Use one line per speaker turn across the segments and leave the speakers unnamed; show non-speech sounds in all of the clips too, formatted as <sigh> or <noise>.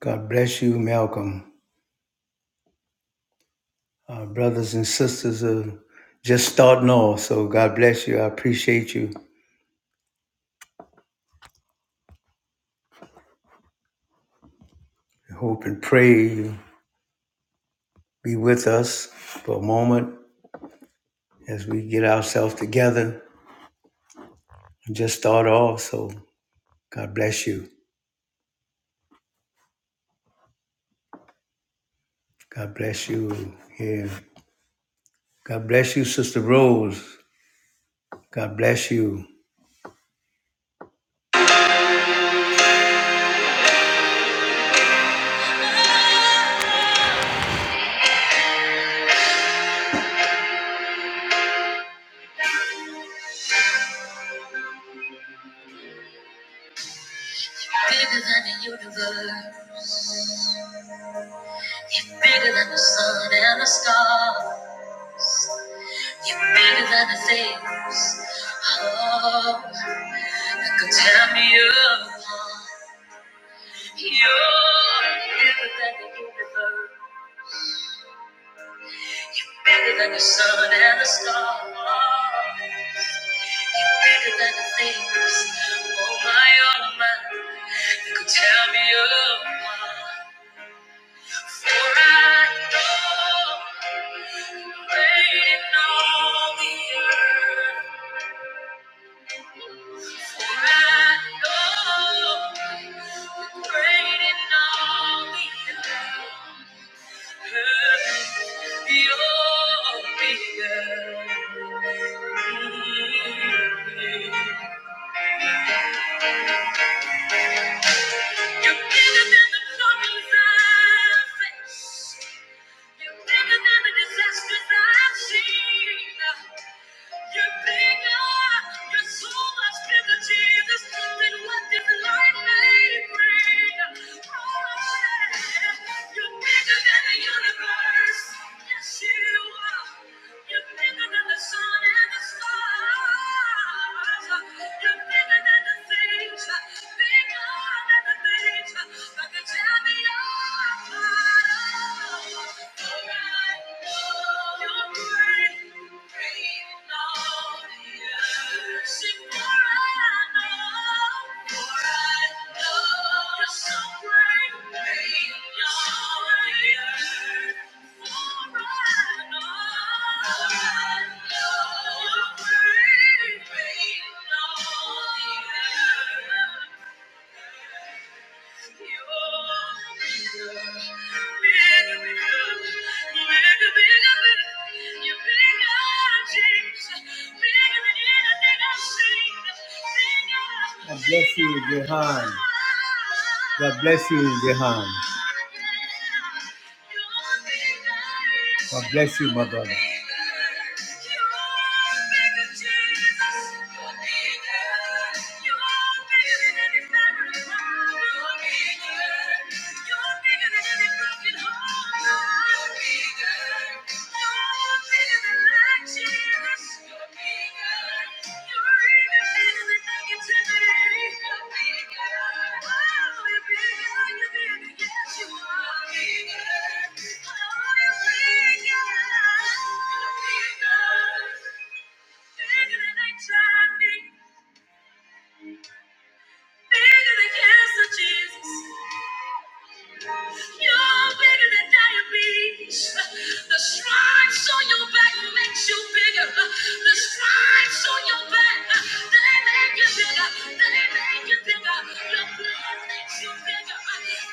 God bless you, Malcolm. Our brothers and sisters are just starting off, so God bless you. I appreciate you. I hope and pray you be with us for a moment as we get ourselves together and just start off. So God bless you. God bless you here. God bless you, Sister Rose. God bless you. Bigger than the universe, bigger than the sun and the stars. You mean it other things. Oh, that could tear me apart. You're bigger than the universe. You're bigger than the sun and the stars. You're bigger than the things. Oh my, oh my, that could tear me apart. For I know. Waiting on the earth, for I know. Great in all the earth, you're bigger. You're bigger than the problems I face. You're bigger than the disasters I've seen. You're bigger, you're so much bigger, Jesus, than what this life may bring. Oh, yeah. You're bigger than the universe. Yes, you are. You're bigger than the sun and the stars. You're bigger than the things, bigger than the things that can tear me apart. Thank you. God bless you, Jehan. God bless you, Jehan. God bless you, my brother. You're bigger than any broken heart. You're bigger. You're bigger than life. Bigger than cancer, Jesus. You're bigger than diabetes. The stripes on your back makes you bigger. The stripes on your back, they make you bigger. They make you bigger. Your blood makes you bigger.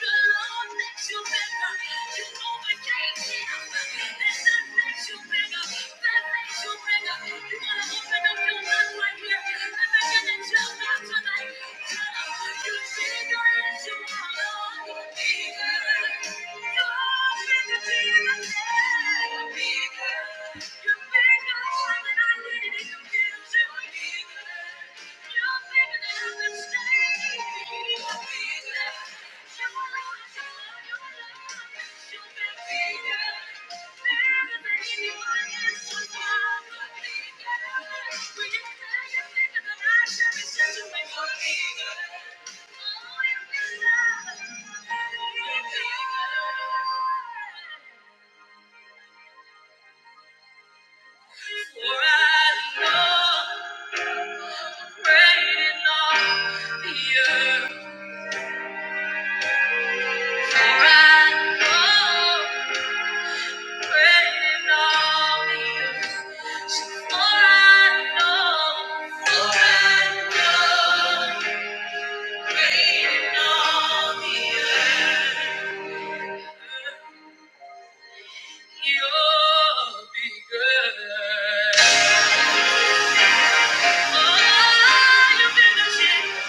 The Lord makes you bigger. You overcame him. And that makes you bigger. That makes you're Thank you. For I know Great in all the earth, for I know You'll be good. Oh, you've been the champion.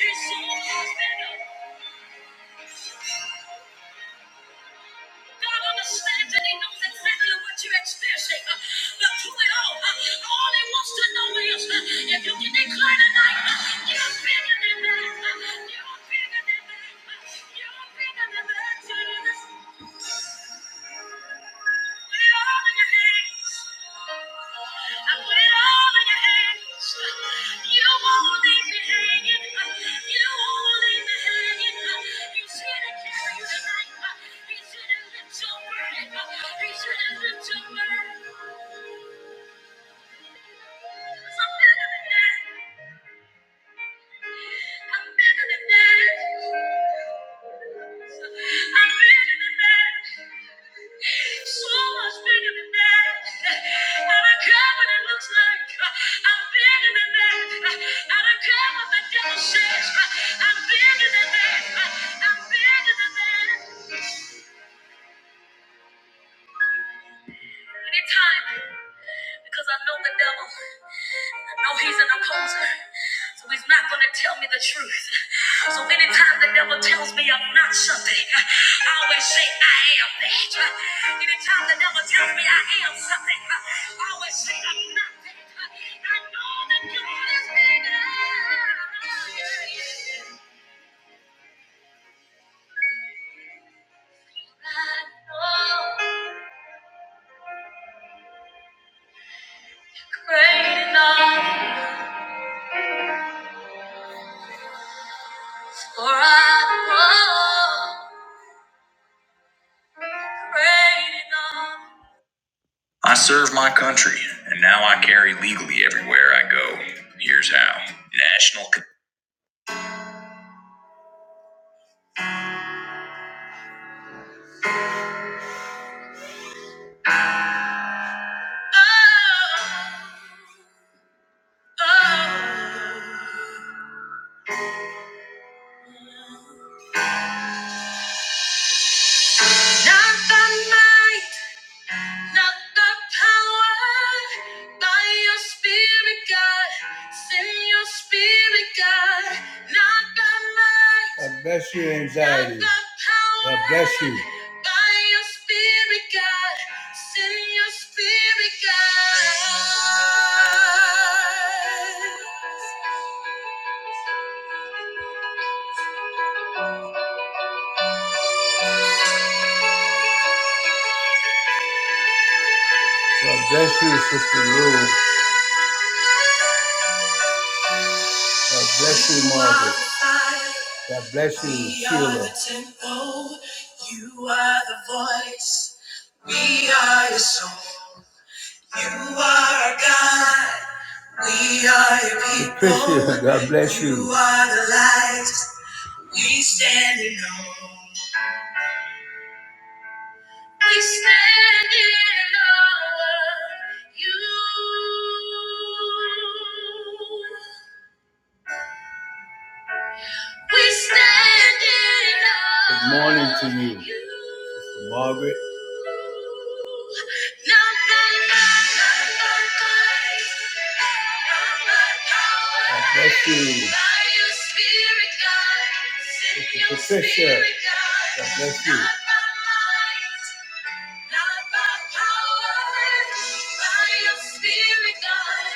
It's so fast, God understands and He knows exactly what you're experiencing. Uh, But through it all, uh, all He wants to know is uh, if you can declare tonight, uh, you're bigger than that. Uh, You're bigger than that. Uh, You're bigger than that. He's in Thank you. I'm better than that. I'm better than that. So much bigger than that. I don't care what it looks like. I'm bigger than that. I don't care what the devil says. I'm bigger than that. I'm bigger than that. anytime because I know the devil. I know he's an opposer. So he's not going to tell me the truth. So anytime the devil tells me I'm not something, I always say I am that. Anytime the devil tells me I am something, I always say I'm not that. I know that God is bigger. I know great enough for us. all. I serve my country, and now I carry legally everywhere I go. Here's how. National. Con- oh, oh. Not by might. Not the power by your spirit, God. Send your spirit, God. Not by might. God bless you, anxiety. Not the power God bless you. By your spirit, God. Send your spirit, God. God bless you, Sister Lou. God bless you, Margaret. God bless you. You are God. <laughs> We are your people. God bless you. You are the light we stand in awe. We stand in awe of you. We stand in awe. Good morning to you. of you. No, no, no, no, no, no, no, no, no. God bless you. God. Bless God.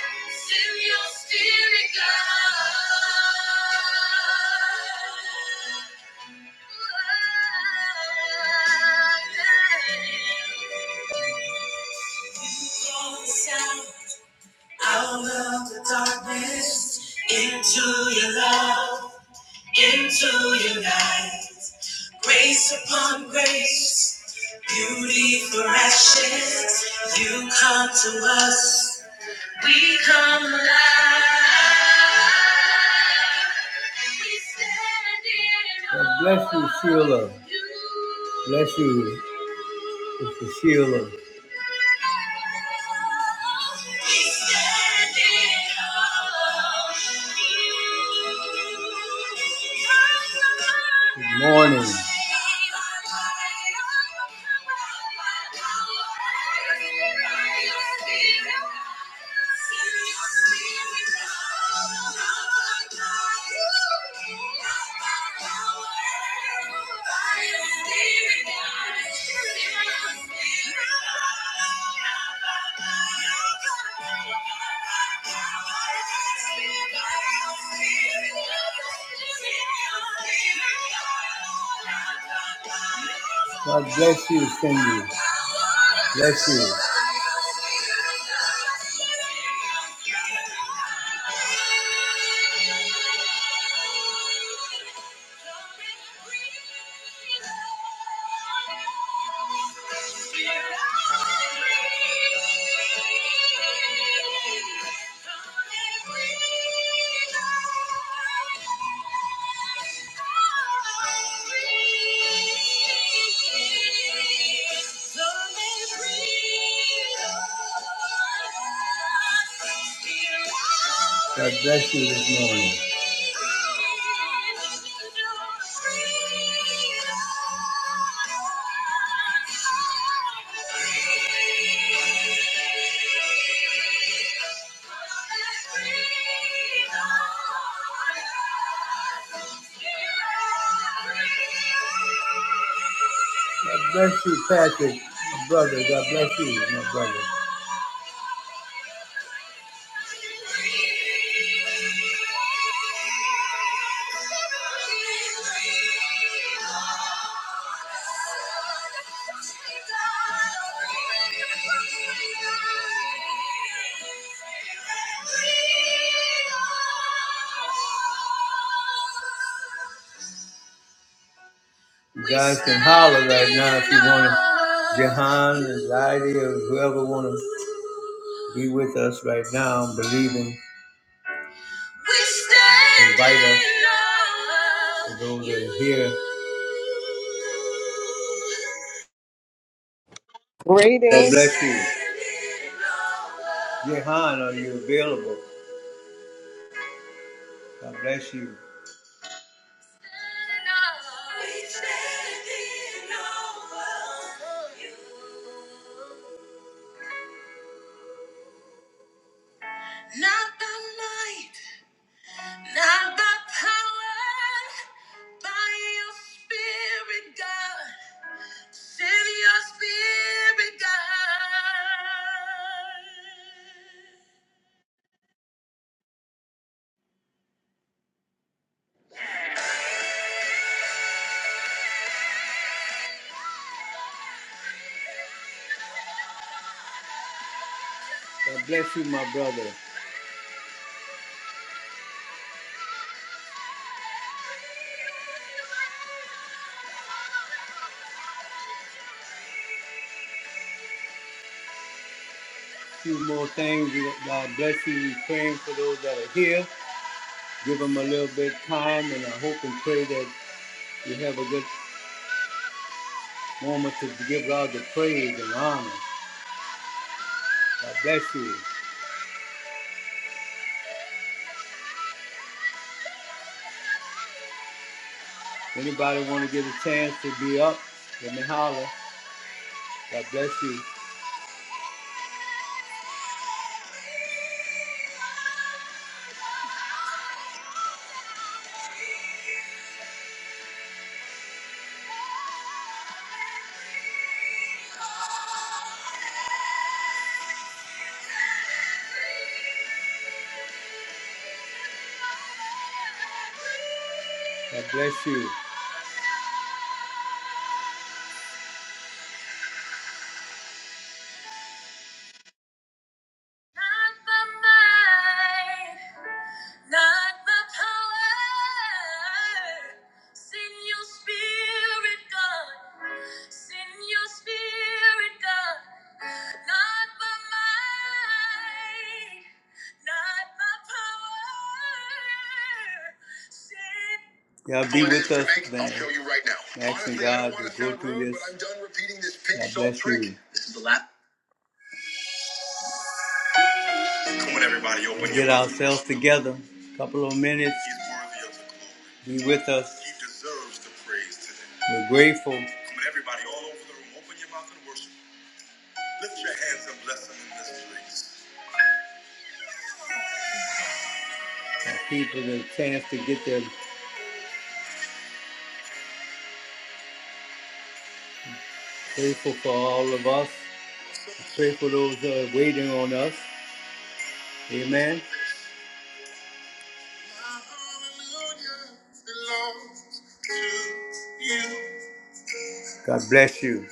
God bless you, Sheila. Bless you, Mr. Sheila. Good morning. God bless you, Cindy. Bless you. God bless you this morning. God bless you, Patrick, my brother. God bless you, my brother. You guys can holler right now if you want to. Jahan and Lydia, whoever want to be with us right now, believing. invite us to those that are here. God
Greetings.
bless you. Jehan, are you available? God bless you. Not by might, not by power, by your spirit, God. Send your spirit, God. God bless you, my brother. few more things. God bless you. We praying for those that are here. Give them a little bit of time, and I hope and pray that you have a good moment to give God the praise and honor. God bless you. Anybody want to get a chance to be up? Let me holler. God bless you. God bless you. Not the might, not the power. Send your spirit, God. Send your spirit, God, not by might, by power. Send- Y'all be together, couple of minutes, be with us. We're grateful that people get a chance to get there. Grateful for all of us. Pray for those that are waiting on us. Amen. God bless you.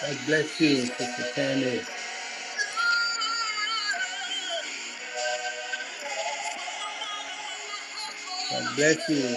God bless you, Sister Tammy. God bless you.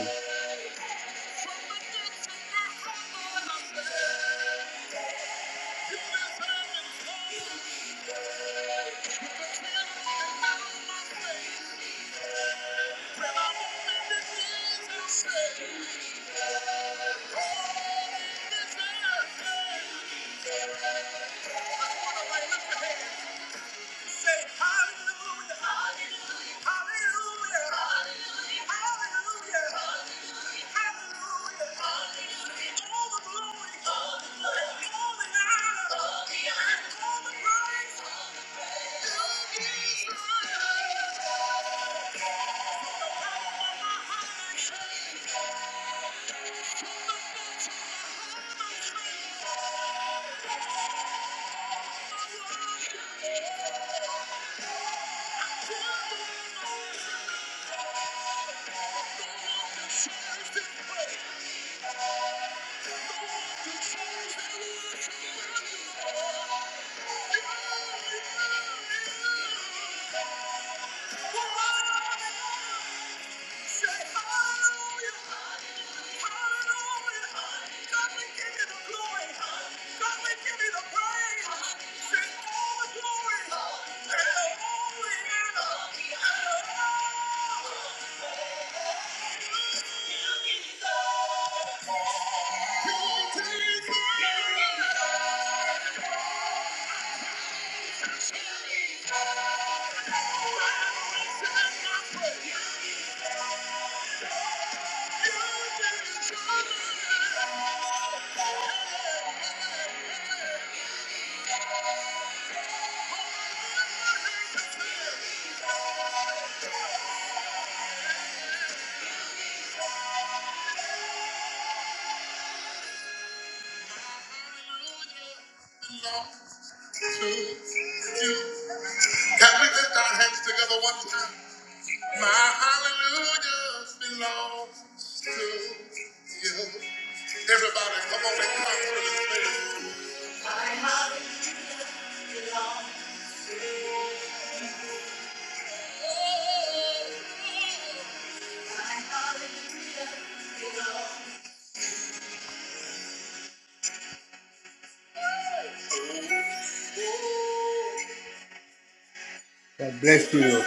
God bless you.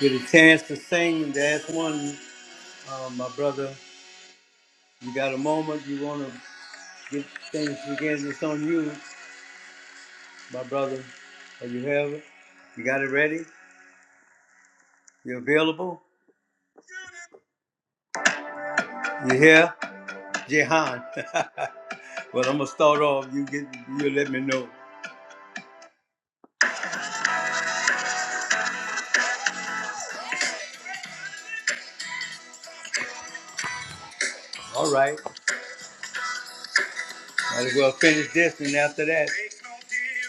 Get a chance to sing. That's one, uh, my brother. You got a moment you want to get things together. It's on you, my brother. Are you have it? You got it ready? You available? You here? Jehan. <laughs> but I'm going to start off. You get. You let me know. All right. Might as well finish this. And after that,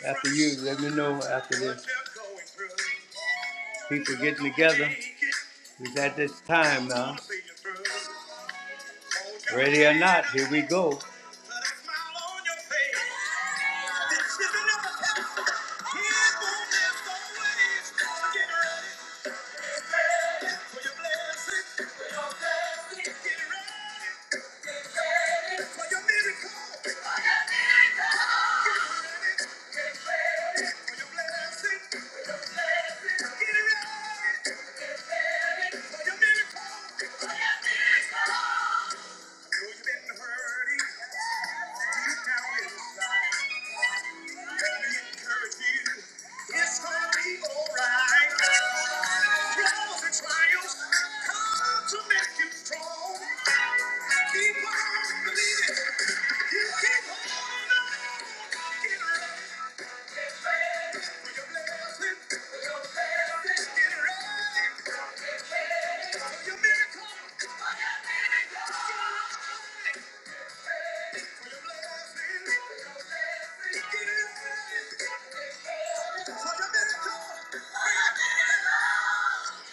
after you, let me know after this. People It's at this time now. Here we go.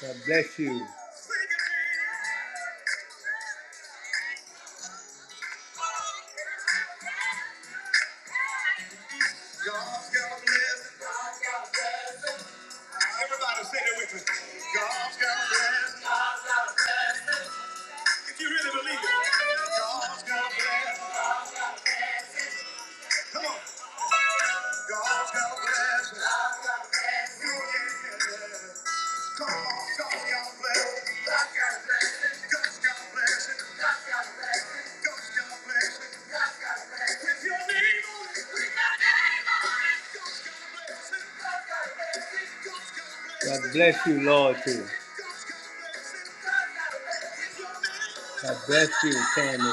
God bless you. God bless you, Lord, too. God bless you, Tammy.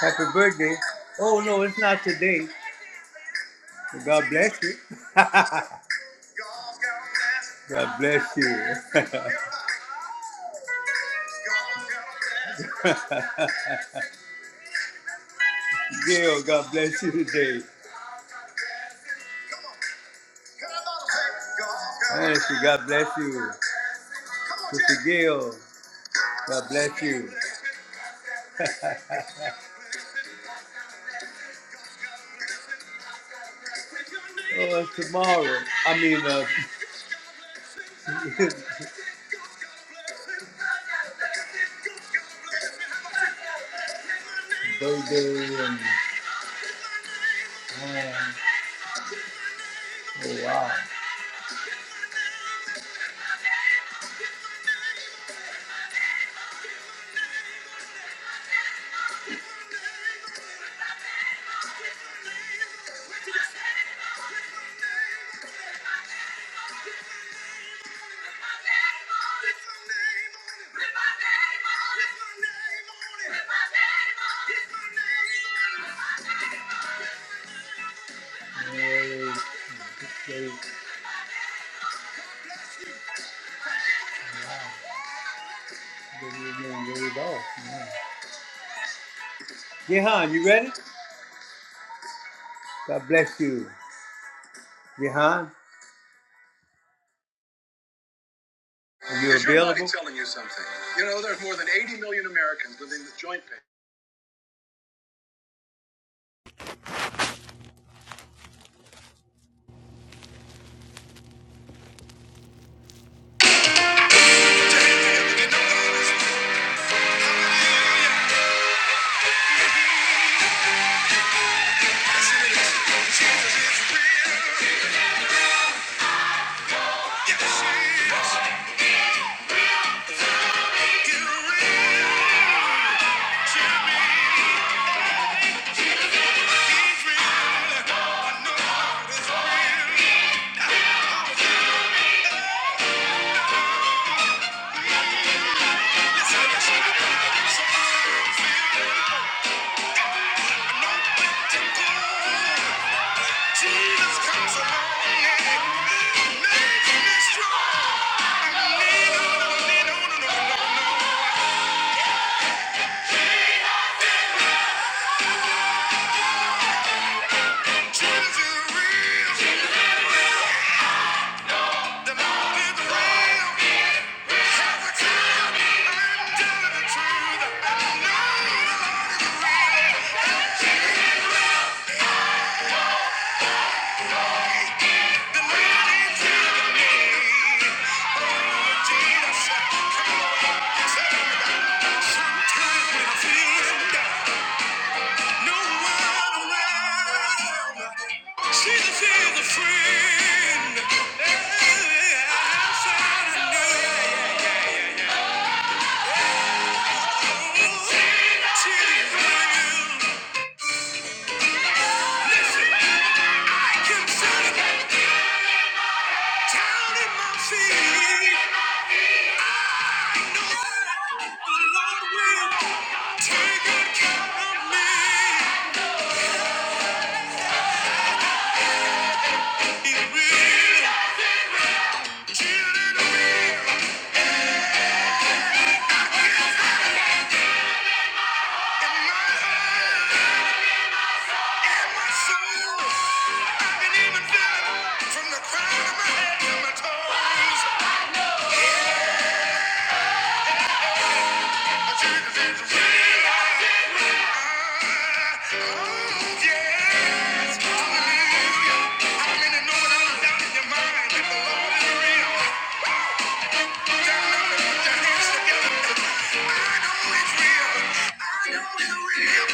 Happy birthday. Oh, no, it's not today. But God bless you. <laughs> God bless you. <laughs> Gail, God bless you today. Honestly, God bless you. Mr. Gail, God bless you. Oh, it's tomorrow. I mean, uh, <laughs> birthday and, oh, wow. They, they didn't even read it off. Jehan, you ready? God bless you. Jehan, are you available?
Jesus comes along and makes me strong. I need on, I need on, She's a friend. Yeah, I found her. From the crown of my head to my toes, I Jesus is real. Yes, hallelujah. How many know without a doubt in your your mind? that the Lord is real? Turn up and put your hands together. I I I know know know it's it's real.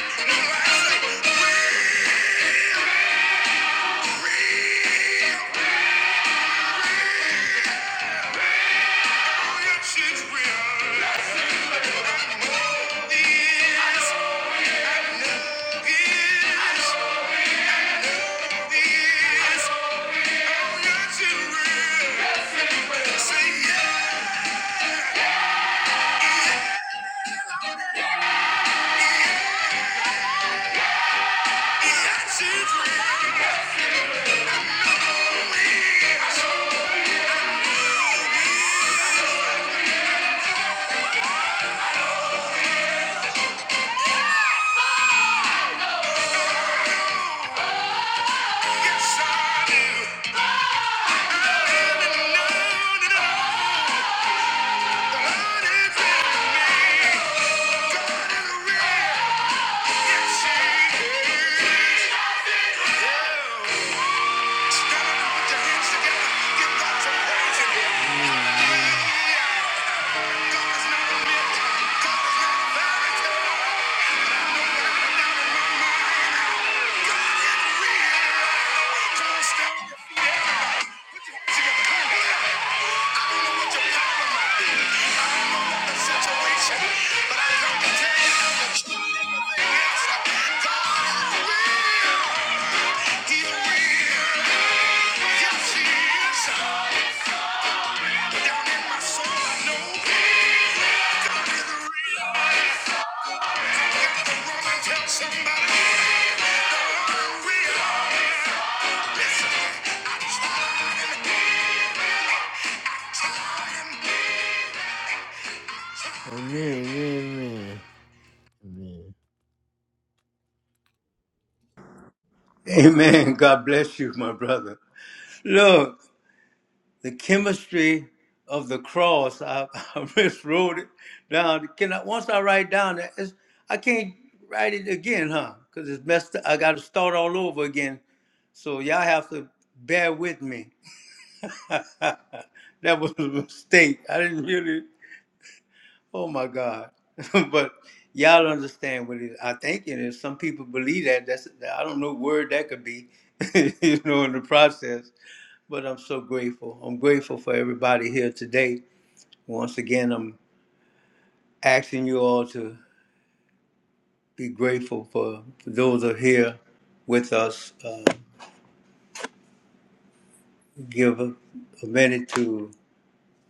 Oh, yes, it's real. I know this. I know this. This. Oh, yes, it's real. No Say yeah! Stop! Somebody, God will. Listen, I'm trying, trying. Amen, amen, amen. Amen.
Amen. God bless you, my brother. Look, the chemistry of the cross. I, <laughs> I just it down. Can I, once I write down that, it's, I can't write it again, huh? Because it's messed. up. I got to start all over again. So y'all have to bear with me. <laughs> that was a mistake. I didn't really. Oh my God. <laughs> but y'all understand what it. I think it is. Some people believe that. That's. I don't know what word that could be. <laughs> you know, in the process. But I'm so grateful. I'm grateful for everybody here today. Once again, I'm asking you all to be grateful for, for those who are here with us. Uh, give a, a minute to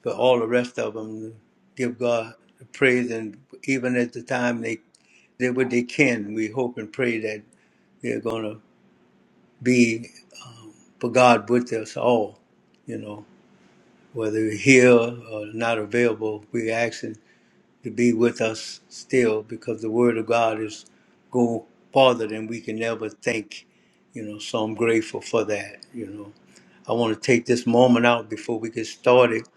for all the rest of them. Give God the praise, and even at the time they did what they can, we hope and pray that they're going to be um, for God with us all. You know, whether we're here or not available, we ask. to be with us still because the Word of God is go farther than we can ever think, you know. So I'm grateful for that, you know. I want to take this moment out before we get started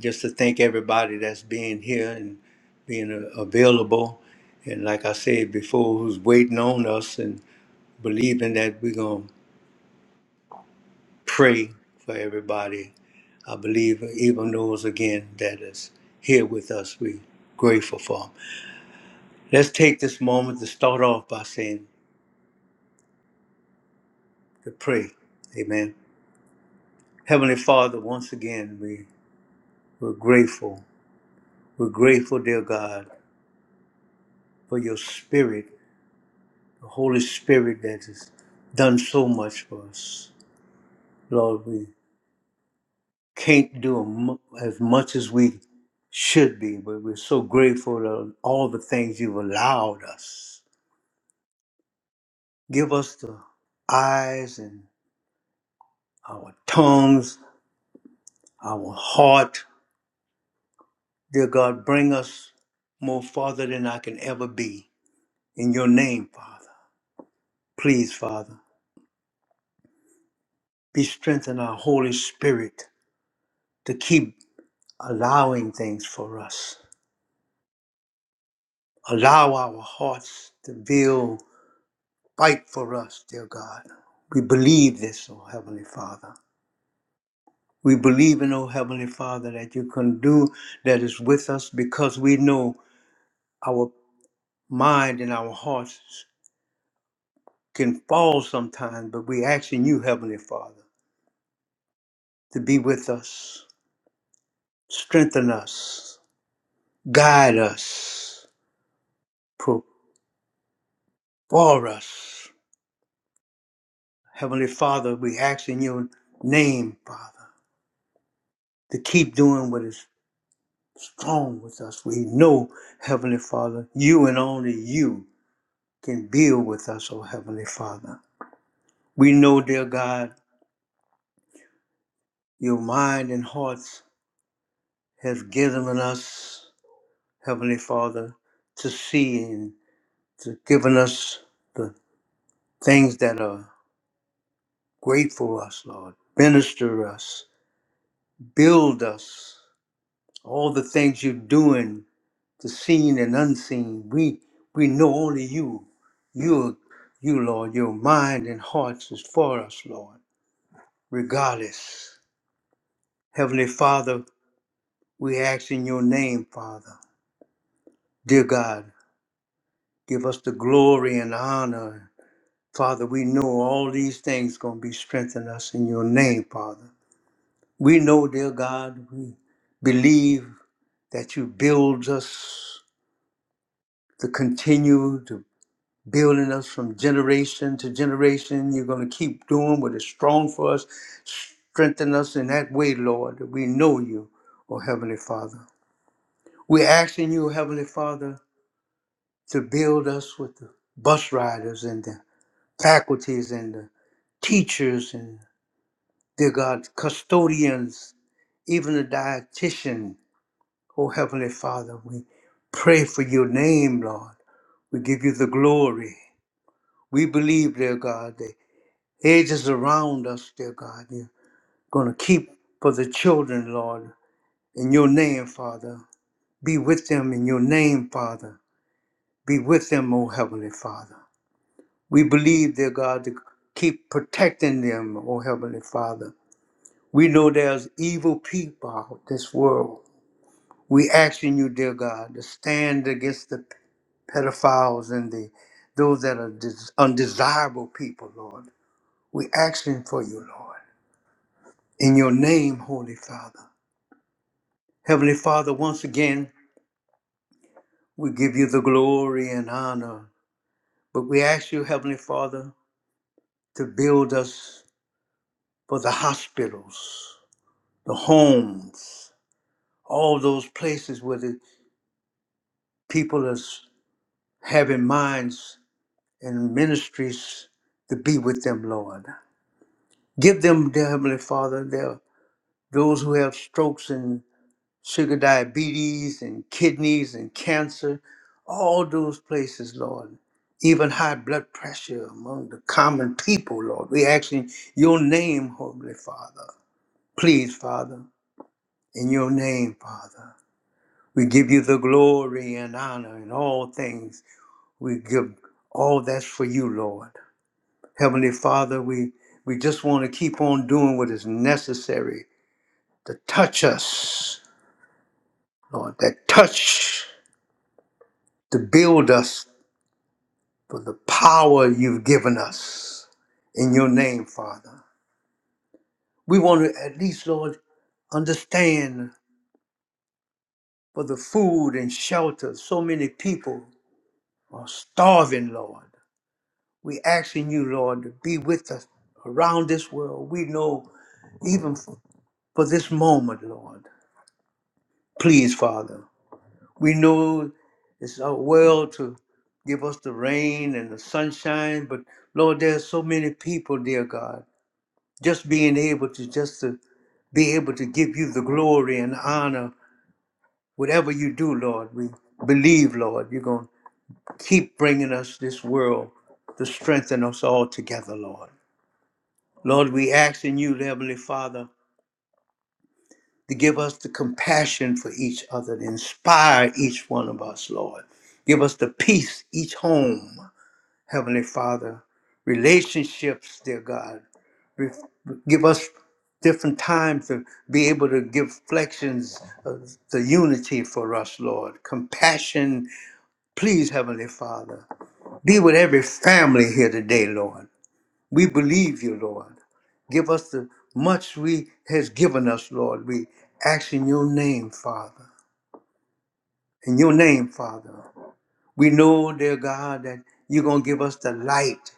just to thank everybody that's being here and being uh, available. And like I said before, who's waiting on us and believing that we're going to pray for everybody. I believe even those again that is here with us, we grateful for 'em. Let's take this moment to start off by saying to pray. Amen. Heavenly Father, once again, we, we're grateful. We're grateful, dear God, for your spirit, the Holy Spirit that has done so much for us. Lord, we can't do a mu- as much as we should be, but we're so grateful for all the things you've allowed us. Give us the eyes and our tongues, our heart, Dear God, bring us more farther than I can ever be. In your name, Father. Please, Father, be strengthened our Holy Spirit to keep allowing things for us. Allow our hearts to build, fight for us, dear God. We believe this, O Heavenly Father. We believe in, O Heavenly Father, that you can do that is with us because we know our mind and our hearts can fall sometimes, but we ask in you, Heavenly Father to be with us, strengthen us, guide us, pour us. Heavenly Father, we ask in your name, Father, to keep doing what is strong with us. We know, Heavenly Father, you and only you can build with us, oh Heavenly Father. We know, dear God, your mind and hearts have given us, Heavenly Father, to see and to given us the things that are Grateful us, Lord. Minister us. Build us. All the things you're doing, the seen and unseen. We we know only you. You you, Lord, your mind and hearts is for us, Lord. Regardless. Heavenly Father, we ask in your name, Father. Dear God, give us the glory and honor. Father, we know all these things gonna be strengthened us in your name, Father. We know, dear God, we believe that you build us to continue to building us from generation to generation. You're going to keep doing what is strong for us. Strengthen us in that way, Lord, that we know you, oh Heavenly Father. We're asking you, Heavenly Father, to build us with the bus riders and the faculties and the teachers and, dear God, custodians, even the dietitian, Oh, Heavenly Father, we pray for your name, Lord. We give you the glory. We believe, dear God, the edges around us, dear God, you're going to keep for the children, Lord, in your name, Father. Be with them in your name, Father. Be with them, O Heavenly Father. We believe, dear God, to keep protecting them, O Heavenly Father. We know there's evil people out this world. We asking you, dear God, to stand against the pedophiles and the those that are des- undesirable people, Lord. We're asking for you, Lord, in your name, Holy Father. Heavenly Father, once again, we give you the glory and honor, but we ask you, Heavenly Father, to build us for the hospitals, the homes, all those places where the people are having minds and ministries to be with them, Lord. Give them, dear Heavenly Father, their those who have strokes and sugar diabetes and kidneys and cancer, all those places, Lord. Even high blood pressure among the common people, Lord. We ask in your name, Holy Father. Please, Father, in your name, Father. We give you the glory and honor in all things. We give all that's for you, Lord. Heavenly Father, we, we just want to keep on doing what is necessary to touch us Lord, that touch to build us for the power you've given us in your name, Father. We want to at least, Lord, understand for the food and shelter. So many people are starving, Lord. We asking you, Lord, to be with us around this world. We know even for this moment, Lord. Please, Father. We know it's our will to give us the rain and the sunshine, but Lord, there's so many people, dear God, just being able to just to be able to give you the glory and honor, whatever you do, Lord. We believe, Lord, you're going to keep bringing us this world to strengthen us all together, Lord. Lord, we ask in you, Heavenly Father, to give us the compassion for each other, to inspire each one of us, Lord. Give us the peace each home. Heavenly Father, relationships, dear God. Re- Give us different time to be able to give flexions of the unity for us, Lord. Compassion, please, Heavenly Father. Be with every family here today, Lord. We believe you, Lord. Give us the much we has given us, Lord. We ask in your name, Father. In your name, Father. We know, dear God, that you're going to give us the light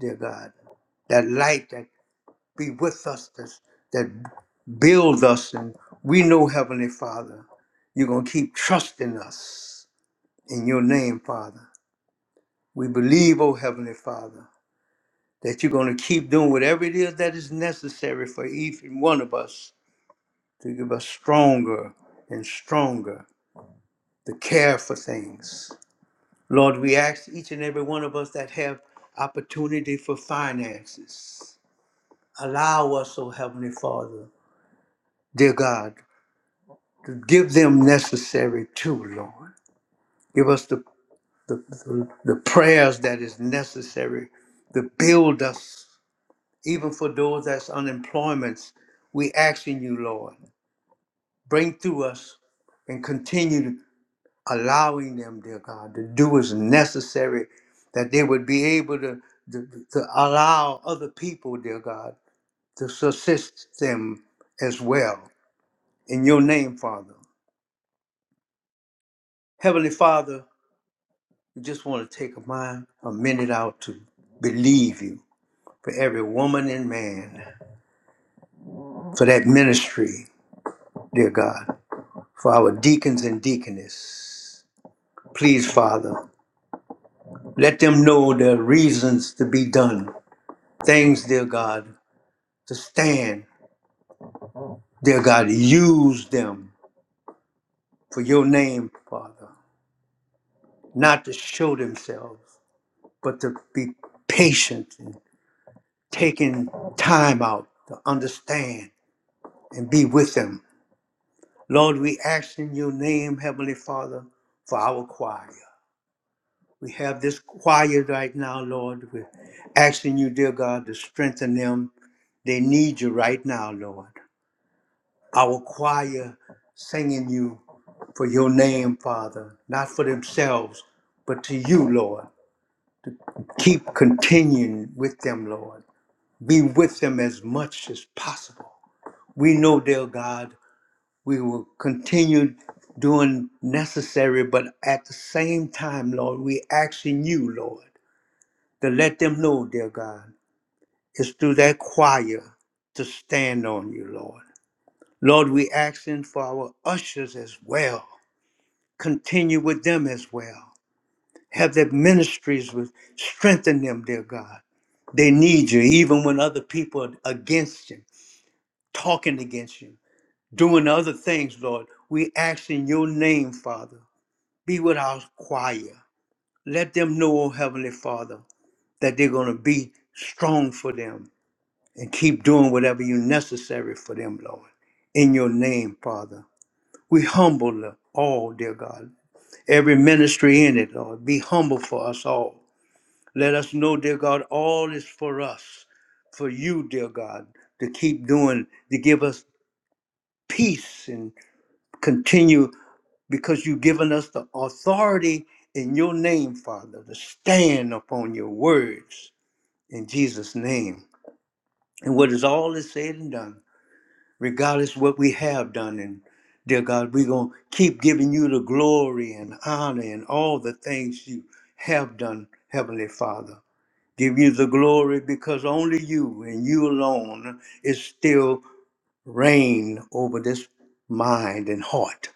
dear God. That light that be with us, that's, that builds us. And we know, Heavenly Father, you're going to keep trusting us in your name, Father. We believe, oh Heavenly Father, that you're going to keep doing whatever it is that is necessary for each and one of us to give us stronger and stronger to care for things. Lord, we ask each and every one of us that have opportunity for finances. Allow us, oh Heavenly Father, dear God, to give them necessary too, Lord. Give us the, the, the, the prayers that is necessary to build us, even for those that's unemployments. We asking you, Lord, bring through us and continue allowing them, dear God, to do as necessary that they would be able to, to, to allow other people, dear God, to assist them as well. In your name, Father. Heavenly Father, Just want to take a mind, a minute out to believe you for every woman and man, for that ministry, dear God, for our deacons and deaconess. Please, Father, let them know their reasons to be done. Things, dear God, to stand. Dear God, use them for your name, Father, not to show themselves, but to be patient and taking time out to understand and be with them Lord, we ask in your name, Heavenly Father, for our choir. We have this choir right now, Lord. We're asking you, dear God, to strengthen them. They need you right now, Lord. Our choir singing you for your name, Father, not for themselves, but to you, Lord. Keep continuing with them, Lord. Be with them as much as possible. We know, dear God, we will continue doing necessary, but at the same time, Lord, we asking you, Lord, to let them know, dear God, it's through that choir to stand on you, Lord. Lord, we asking for our ushers as well. Continue with them as well. Have their ministries with strengthen them, dear God. They need you, even when other people are against you, talking against you, doing other things, Lord. We ask in your name, Father Be with our choir. Let them know, oh Heavenly Father, that they're going to be strong for them and keep doing whatever you necessary for them, Lord. In your name, Father. We humble all, dear God. Every ministry in it, Lord. Be humble for us all. Let us know, dear God, all is for us for you, dear God, to keep doing, to give us peace and continue. because you've given us the authority in your name, Father, to stand upon your words in Jesus' name. And what is all is said and done, regardless what we have done, and dear God, we're going to keep giving you the glory and honor and all the things you have done, Heavenly Father. Give you the glory because only you and you alone is still reign over this mind and heart.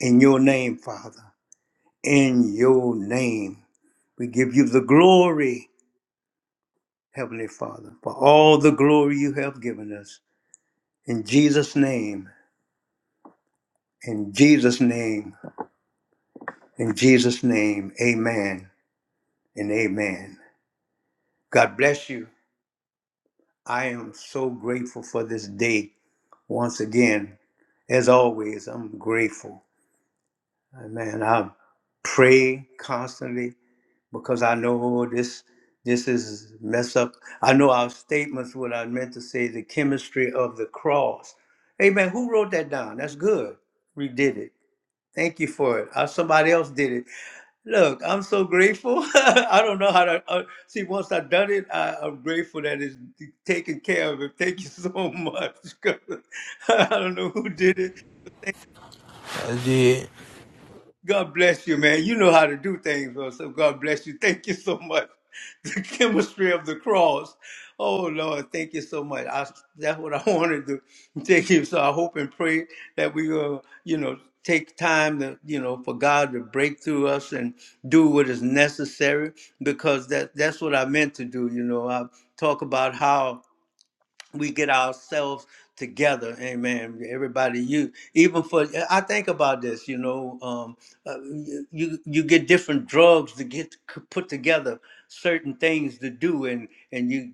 In your name, Father. in your name. We give you the glory, Heavenly Father, for all the glory you have given us. In Jesus' name, in Jesus' name, in Jesus' name, amen and amen. God bless you. I am so grateful for this day once again. As always, I'm grateful. Amen. I pray constantly because I know this this is mess up. I know our statements what I meant to say, the chemistry of the cross. Amen. Who wrote that down? That's good. We did it. Thank you for it. Uh, somebody else did it. Look, I'm so grateful. <laughs> I don't know how to uh, see. Once I've done it, I, I'm grateful that it's taken care of. It. Thank you so <laughs> much. <laughs> I don't know who did it,
I did.
God bless you, man. You know how to do things, bro. So God bless you. Thank you so much. <laughs> The chemistry of the cross. Oh Lord, thank you so much. I, that's what I <laughs> wanted to take you. So I hope and pray that we will, you know, take time to, you know, for God to break through us and do what is necessary because that that's what I meant to do. You know, I talk about how we get ourselves together amen everybody you even for eh, i think about this you know um uh, you you get different drugs to get c- put together certain things to do and and you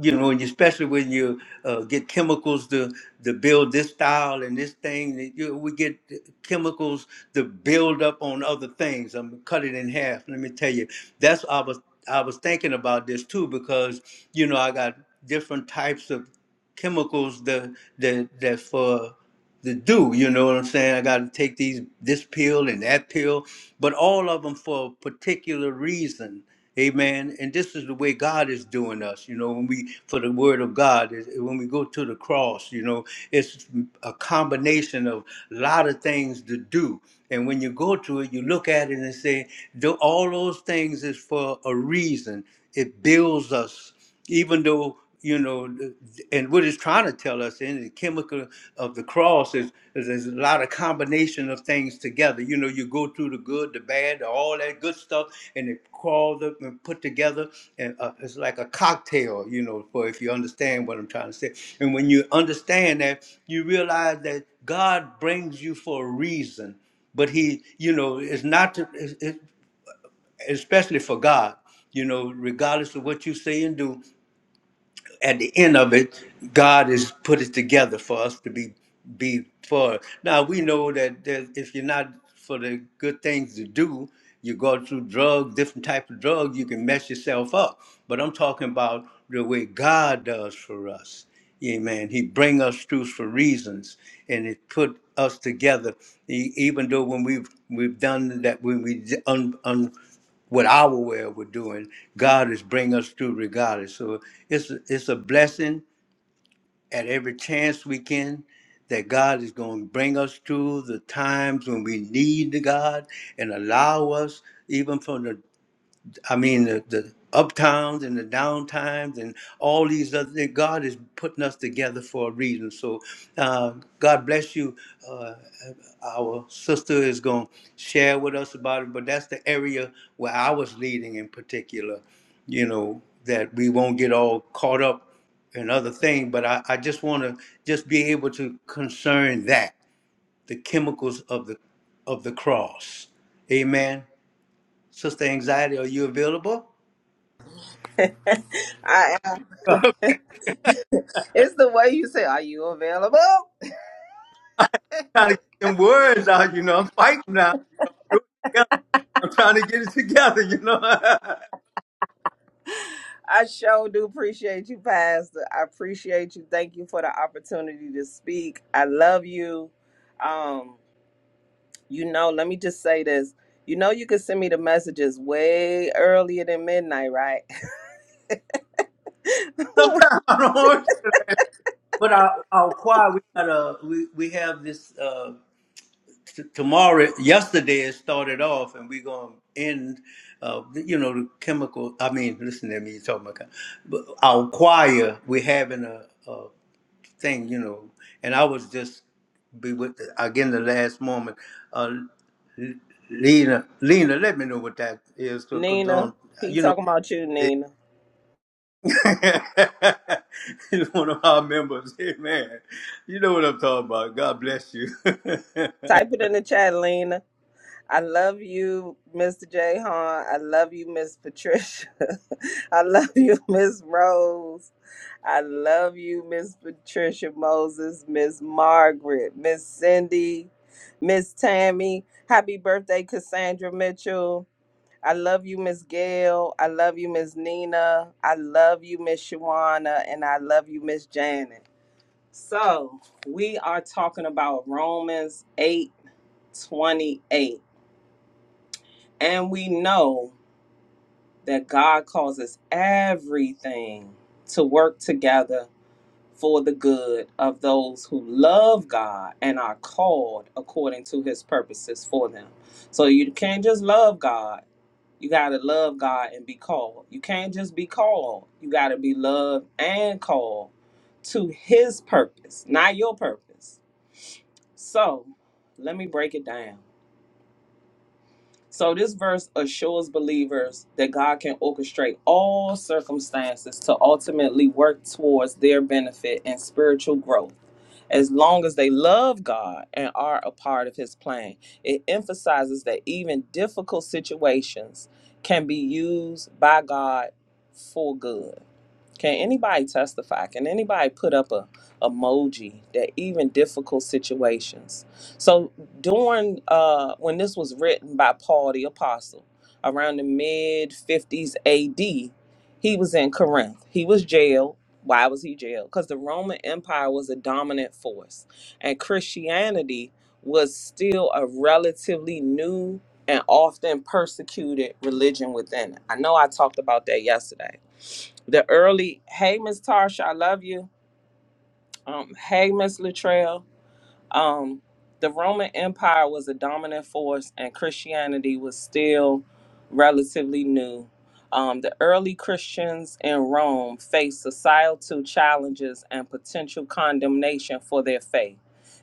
you know and especially when you uh, get chemicals to to build this style and this thing that you, we get chemicals to build up on other things i'm gonna cut it in half let me tell you that's our. I was thinking about this too because you know I got different types of chemicals that that that for to do. You know what I'm saying? I got to take these this pill and that pill, but all of them for a particular reason. Amen. And this is the way God is doing us. You know, when we for the Word of God, is- when we go to the cross, you know, it's a combination of a lot of things to do. And when you go to it, you look at it and say, "Tho- all those things is for a reason. It builds us, even though, you know, th- and what it's trying to tell us in the chemical of the cross is, is there's a lot of combination of things together. You know, you go through the good, the bad, all that good stuff, and it crawls up and put together. And uh, it's like a cocktail, you know, for if you understand what I'm trying to say. And when you understand that, you realize that God brings you for a reason but he you know it's not to, it's, it's- especially for god you know regardless of what you say and do at the end of it, God has put it together for us to be be for. Now we know that there- if you're not for the good things to do, you go through drugs, different type of drugs, you can mess yourself up. But I'm talking about the way God does for us. Amen. He bring us through for reasons, and it put us together. E- Even though when we've we've done that, when we d- un, what our way we're doing. God is bring us through regardless. So it's it's a blessing at every chance we can that God is going to bring us through the times when we need the God and allow us even from the I mean, the, the uptowns and the downtimes and all these other things. God is putting us together for a reason. So, uh, God bless you. Uh, our sister is going to share with us about it, but that's the area where I was leading in particular, you know, that we won't get all caught up in other things. But I, I just want to just be able to concern that the chemicals of the of the cross. Amen. Sister Anxiety, are you available?
<laughs> I am. <laughs> It's the way you say, Are you available?
trying to get them words out, you know. I'm fighting now. Do it together. I'm trying to get it together, you know. <laughs>
<laughs> I sure do appreciate you, Pastor. I appreciate you. Thank you for the opportunity to speak. I love you. Um, you know, let me just say this. You know, you can send me the messages way earlier than midnight, right?
Sometimes I don't want to. But our, our choir, we got a we, we have this uh, t- tomorrow. Yesterday it started off, and we're gonna end. Uh, you know the chemical. I mean, listen to me. You talking about? But our choir, we're having a. a thing, you know. And I was just be with again the last moment. Uh, L- Lena, Lena, let me know what that is,
<laughs>
cause 'cause
Nina,
don't
he
you know.
talking about you, Nina.
<laughs> He's one of our members. <laughs> Amen. You know what I'm talking about. God bless you.
Type it in the chat, Lena. I love you, Mr. J. Hahn. I love you, Miss Patricia. <laughs> I love you, <laughs> Miss Rose. I love you, Miss Patricia Moses, Miss Margaret, Miss Cindy, Miss Tammy. Happy birthday, Cassandra Mitchell. I love you, Miss Gail. I love you, Miss Nina. I love you, Miss Shawana. And I love you, Miss Janet. So, we are talking about Romans 8 28. And we know that God causes everything to work together for the good of those who love God and are called according to his purposes for them. So you can't just love God. You got to love God and be called. You can't just be called. You got to be loved and called to his purpose, not your purpose. So let me break it down. So this verse assures believers that God can orchestrate all circumstances to ultimately work towards their benefit and spiritual growth. As long as they love God and are a part of his plan, it emphasizes that even difficult situations can be used by God for good. Can anybody testify? Can anybody put up a emoji that even difficult situations? So during uh, when this was written by Paul the apostle around the mid 50s AD, he was in Corinth. He was jailed. Why was he jailed? Because the Roman Empire was a dominant force, and Christianity was still a relatively new and often persecuted religion within. it. I know I talked about that yesterday the early, hey, Miss Tarsha, I love you. Um, hey, Miss Latrell. Um, the Roman Empire was a dominant force, and Christianity was still relatively new. Um, the early Christians in Rome faced societal challenges and potential condemnation for their faith.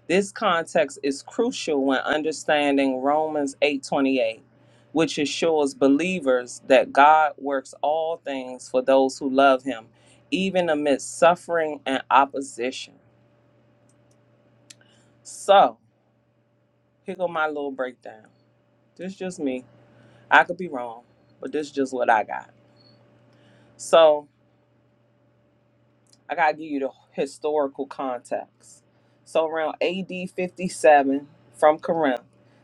This context is crucial when understanding Romans 8:28, which assures believers that God works all things for those who love him, even amidst suffering and opposition. So, Here go my little breakdown. This just me. I could be wrong, but this is just what I got. So I gotta give you the historical context. So around AD 57 from Corinth,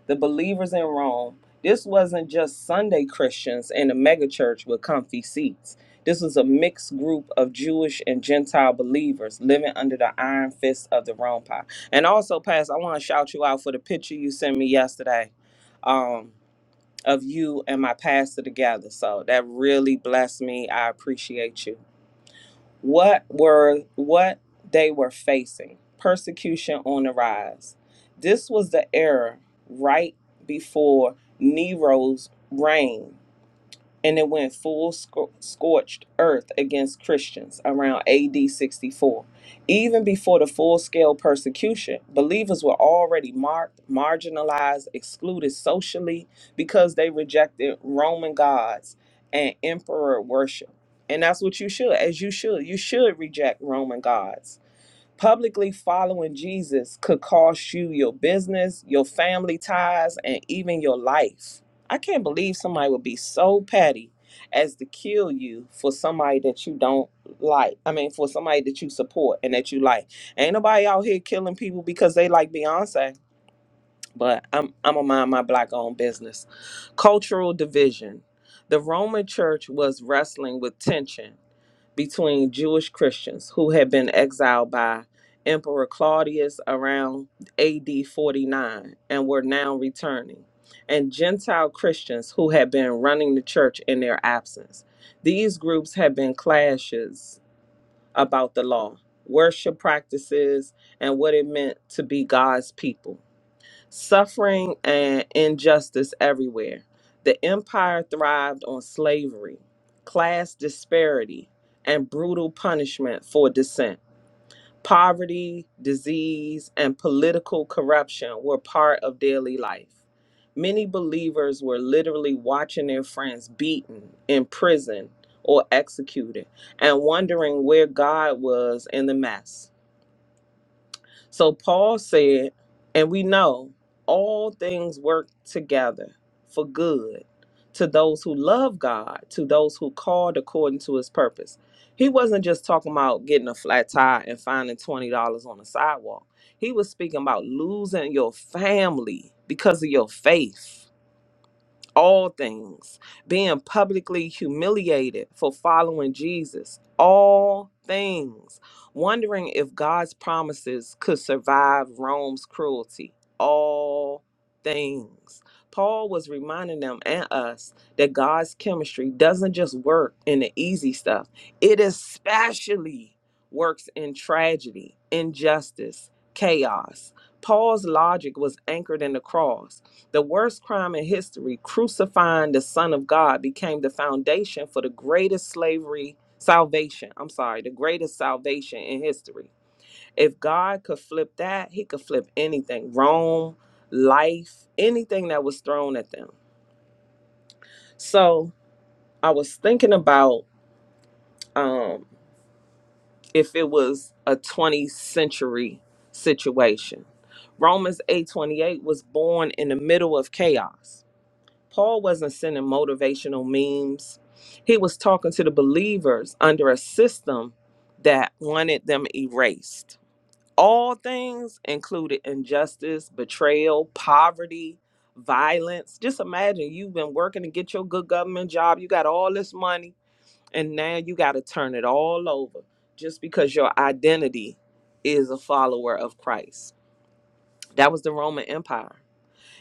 the believers in Rome, this wasn't just Sunday Christians in a megachurch with comfy seats. This was a mixed group of Jewish and Gentile believers living under the iron fist of the Rome power. And also, Pastor, I want to shout you out for the picture you sent me yesterday. Um, of you and my pastor together. So that really blessed me. I appreciate you. What were what they were facing? Persecution on the rise. This was the era right before Nero's reign and it went full scor- scorched earth against Christians around AD 64. Even before the full scale persecution, believers were already marked, marginalized, excluded socially because they rejected Roman gods and emperor worship. And that's what you should, as you should. You should reject Roman gods Publicly following Jesus could cost you your business, your family ties, and even your life. I can't believe somebody would be so petty as to kill you for somebody that you don't like. I mean, for somebody that you support and that you like. Ain't nobody out here killing people because they like Beyonce. But I'm I'm a mind my black owned business. Cultural division. The Roman church was wrestling with tension between Jewish Christians who had been exiled by Emperor Claudius around AD 49 and were now returning, and Gentile Christians who had been running the church in their absence. These groups had been clashes about the law, worship practices, and what it meant to be God's people. Suffering and injustice everywhere. The empire thrived on slavery, class disparity, and brutal punishment for dissent. Poverty, disease, and political corruption were part of daily life. Many believers were literally watching their friends beaten, imprisoned, or executed, and wondering where God was in the mess. So Paul said, and we know all things work together for good to those who love God, to those who called according to his purpose. He wasn't just talking about getting a flat tire and finding $20 on the sidewalk. He was speaking about losing your family because of your faith all things, being publicly humiliated for following Jesus, all things, wondering if God's promises could survive Rome's cruelty, all things. Paul was reminding them and us that God's chemistry doesn't just work in the easy stuff, it especially works in tragedy, injustice, chaos. Paul's logic was anchored in the cross the worst crime in history, crucifying the Son of God, became the foundation for the greatest slavery salvation. I'm sorry, the greatest salvation in history. If God could flip that, he could flip anything Rome, life, anything that was thrown at them. So I was thinking about um, if it was a 20th century situation. Romans 8:28 was born in the middle of chaos Paul wasn't sending motivational memes. He was talking to the believers under a system that wanted them erased. All things included injustice, betrayal, poverty, violence. Just imagine you've been working to get your good government job, you got all this money, and now you got to turn it all over just because your identity is a follower of Christ. That was the Roman Empire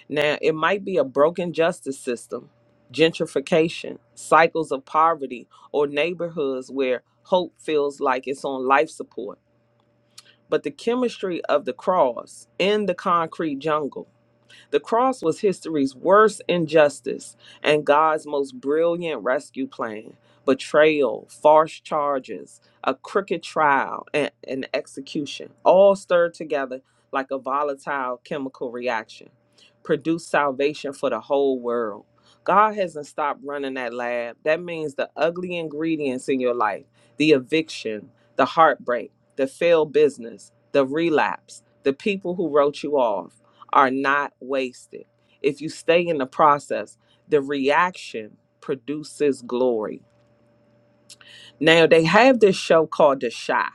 now, it might be a broken justice system, gentrification, cycles of poverty, or neighborhoods where hope feels like it's on life support. But the chemistry of the cross in the concrete jungle the cross was history's worst injustice and God's most brilliant rescue plan. Betrayal, false charges, a crooked trial, and, and execution, all stirred together like a volatile chemical reaction, produced salvation for the whole world. God hasn't stopped running that lab. That means the ugly ingredients in your life, the eviction, the heartbreak, the failed business, the relapse, the people who wrote you off are not wasted. If you stay in the process, the reaction produces glory. Now, they have this show called The Shy,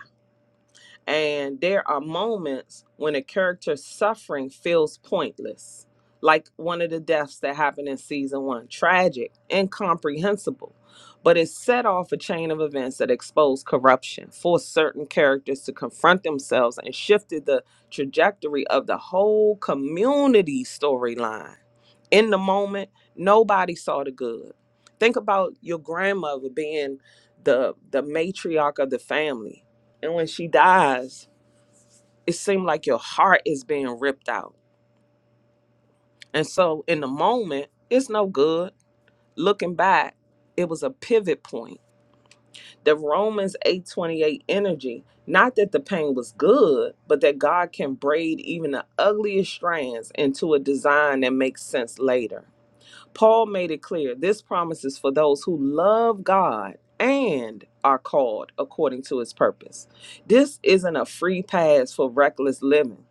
and there are moments when a character's suffering feels pointless, like one of the deaths that happened in season one tragic, incomprehensible. But it set off a chain of events that exposed corruption, forced certain characters to confront themselves, and shifted the trajectory of the whole community storyline in the moment nobody saw the good think about your grandmother being the the matriarch of the family and when she dies it seems like your heart is being ripped out and so in the moment it's no good looking back it was a pivot point the romans 828 energy not that the pain was good but that god can braid even the ugliest strands into a design that makes sense later Paul made it clear this promise is for those who love God and are called according to his purpose. This isn't a free pass for reckless living.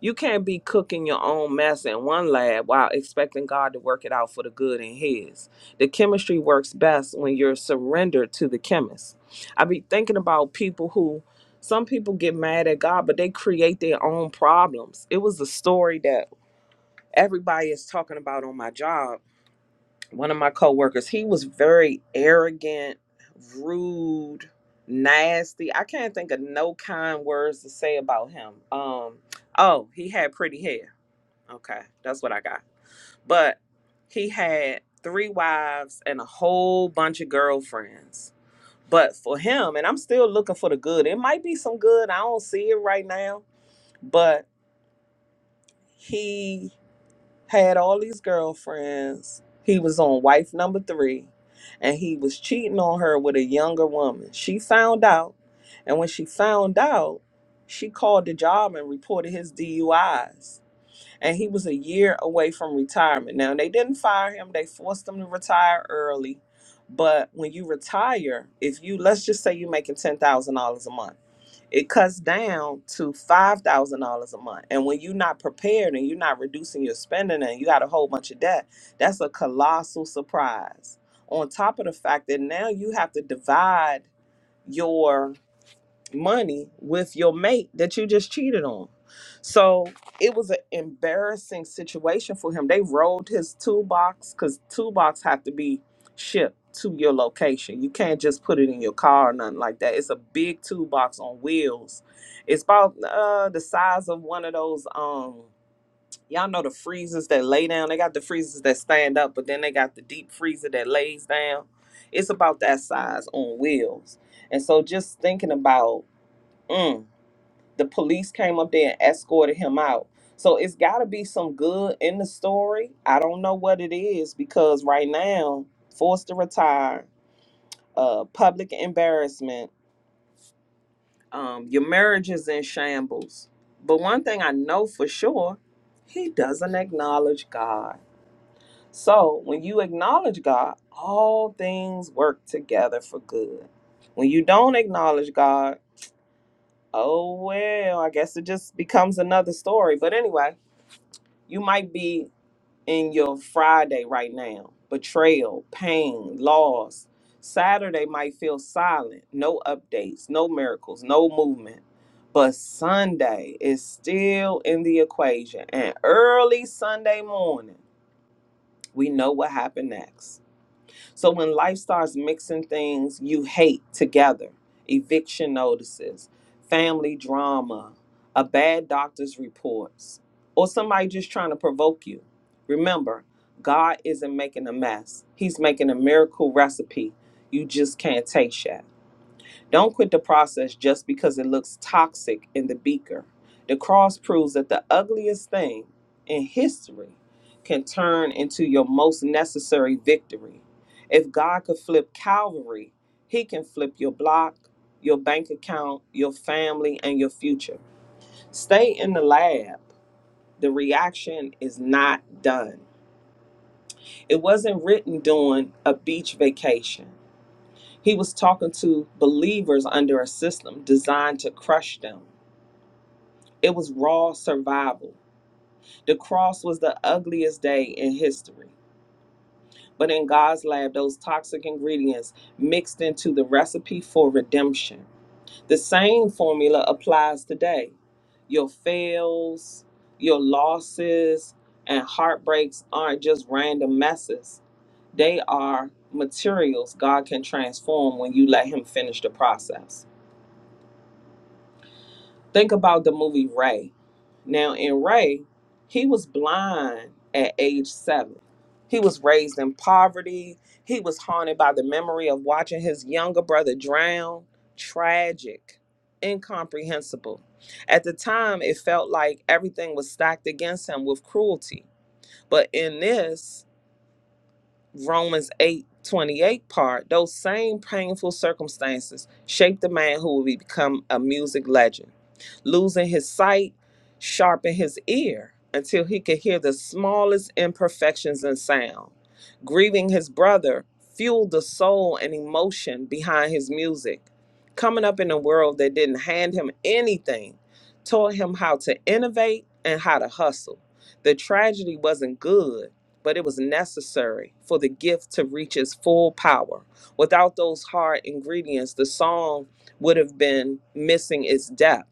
You can't be cooking your own mess in one lab while expecting God to work it out for the good in his. The chemistry works best when you're surrendered to the chemist. I be thinking about people who some people get mad at God, but they create their own problems. It was a story that everybody is talking about on my job one of my coworkers. He was very arrogant, rude, nasty. I can't think of no kind words to say about him. Um, oh, he had pretty hair. Okay, that's what I got. But he had three wives and a whole bunch of girlfriends. But for him, and I'm still looking for the good. It might be some good. I don't see it right now, but he had all these girlfriends. He was on wife number three, and he was cheating on her with a younger woman. She found out, and when she found out, she called the job and reported his DUIs. And he was a year away from retirement. Now, they didn't fire him, they forced him to retire early. But when you retire, if you, let's just say you're making $10,000 a month it cuts down to five thousand dollars a month. And when you're not prepared and you're not reducing your spending and you got a whole bunch of debt, that's a colossal surprise. On top of the fact that now you have to divide your money with your mate that you just cheated on. So it was an embarrassing situation for him. They rolled his toolbox because toolbox have to be shipped to your location. You can't just put it in your car or nothing like that. It's a big toolbox on wheels. It's about uh, the size of one of those um y'all know the freezers that lay down. They got the freezers that stand up, but then they got the deep freezer that lays down. It's about that size on wheels. And so just thinking about Mm. The police came up there and escorted him out. So it's got to be some good in the story. I don't know what it is because right now, forced to retire, uh, public embarrassment, um, your marriage is in shambles. But one thing I know for sure, he doesn't acknowledge God. So when you acknowledge God, all things work together for good. When you don't acknowledge God, Oh well, I guess it just becomes another story. But anyway, you might be in your Friday right now. Betrayal, pain, loss. Saturday might feel silent, no updates, no miracles, no movement. But Sunday is still in the equation. And early Sunday morning, we know what happened next. So when life starts mixing things you hate together, eviction notices, family drama, a bad doctor's reports, or somebody just trying to provoke you, remember, God isn't making a mess. He's making a miracle recipe you just can't taste yet. Don't quit the process just because it looks toxic in the beaker. The cross proves that the ugliest thing in history can turn into your most necessary victory. If God could flip Calvary, He can flip your block, your bank account, your family, and your future. Stay in the lab. The reaction is not done. It wasn't written during a beach vacation. He was talking to believers under a system designed to crush them. It was raw survival. The cross was the ugliest day in history. But in God's lab, those toxic ingredients mixed into the recipe for redemption. The same formula applies today. Your fails, your losses, and heartbreaks aren't just random messes they are materials God can transform when you let Him finish the process. Think about the movie Ray. Now, in Ray, he was blind at age seven. He was raised in poverty. He was haunted by the memory of watching his younger brother drown. Tragic, incomprehensible. At the time, it felt like everything was stacked against him with cruelty. But in this, Romans 8 28 part, those same painful circumstances shaped the man who will become a music legend. Losing his sight sharpened his ear until he could hear the smallest imperfections in sound. Grieving his brother fueled the soul and emotion behind his music. Coming up in a world that didn't hand him anything taught him how to innovate and how to hustle. The tragedy wasn't good but it was necessary for the gift to reach its full power. Without those hard ingredients, the song would have been missing its depth.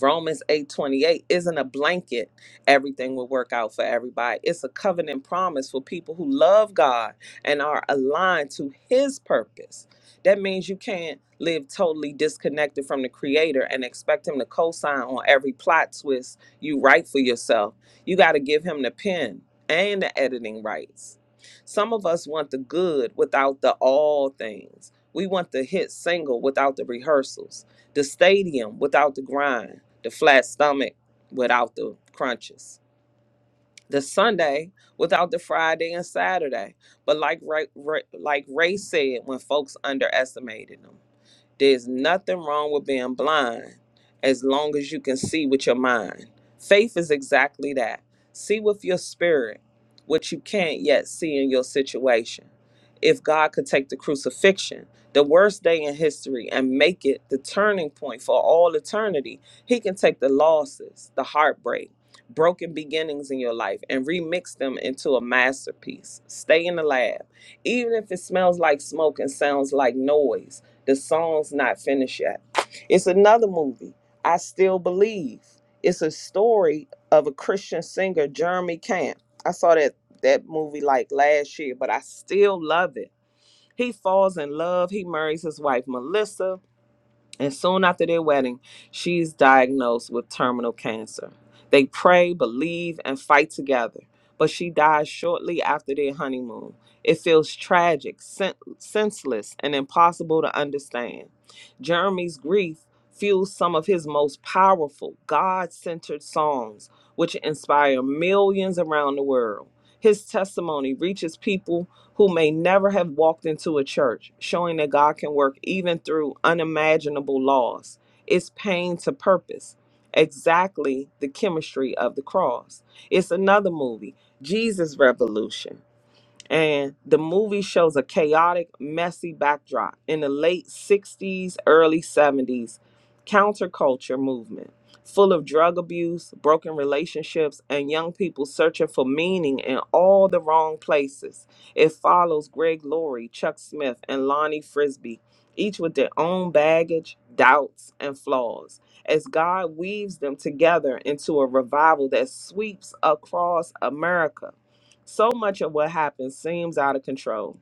Romans 8:28 isn't a blanket everything will work out for everybody. It's a covenant promise for people who love God and are aligned to his purpose. That means you can't live totally disconnected from the creator and expect him to co-sign on every plot twist you write for yourself. You got to give him the pen and the editing rights. Some of us want the good without the all things. We want the hit single without the rehearsals, the stadium without the grind the flat stomach without the crunches, the Sunday without the Friday and Saturday. But like Ray, Ray, like Ray said, when folks underestimated them. There's nothing wrong with being blind as long as you can see with your mind. Faith is exactly that. See with your spirit what you can't yet see in your situation. If God could take the crucifixion, the worst day in history, and make it the turning point for all eternity, He can take the losses, the heartbreak, broken beginnings in your life and remix them into a masterpiece. Stay in the lab even if it smells like smoke and sounds like noise the song's not finished yet. It's another movie, I Still Believe. It's a story of a Christian singer, Jeremy Camp. I saw that that movie like last year, but I still love it. He falls in love. He marries his wife Melissa and soon after their wedding, she's diagnosed with terminal cancer. They pray, believe, and fight together, but she dies shortly after their honeymoon. It feels tragic, sen- senseless, and impossible to understand. Jeremy's grief fuels some of his most powerful, God centered songs, which inspire millions around the world. His testimony reaches people who may never have walked into a church, showing that God can work even through unimaginable laws. It's pain to purpose, exactly the chemistry of the cross. It's another movie, Jesus Revolution and the movie shows a chaotic, messy backdrop in the late 60s, early 70s counterculture movement full of drug abuse, broken relationships, and young people searching for meaning in all the wrong places. It follows Greg Laurie, Chuck Smith, and Lonnie Frisbee, each with their own baggage, doubts, and flaws, as God weaves them together into a revival that sweeps across America so much of what happens seems out of control.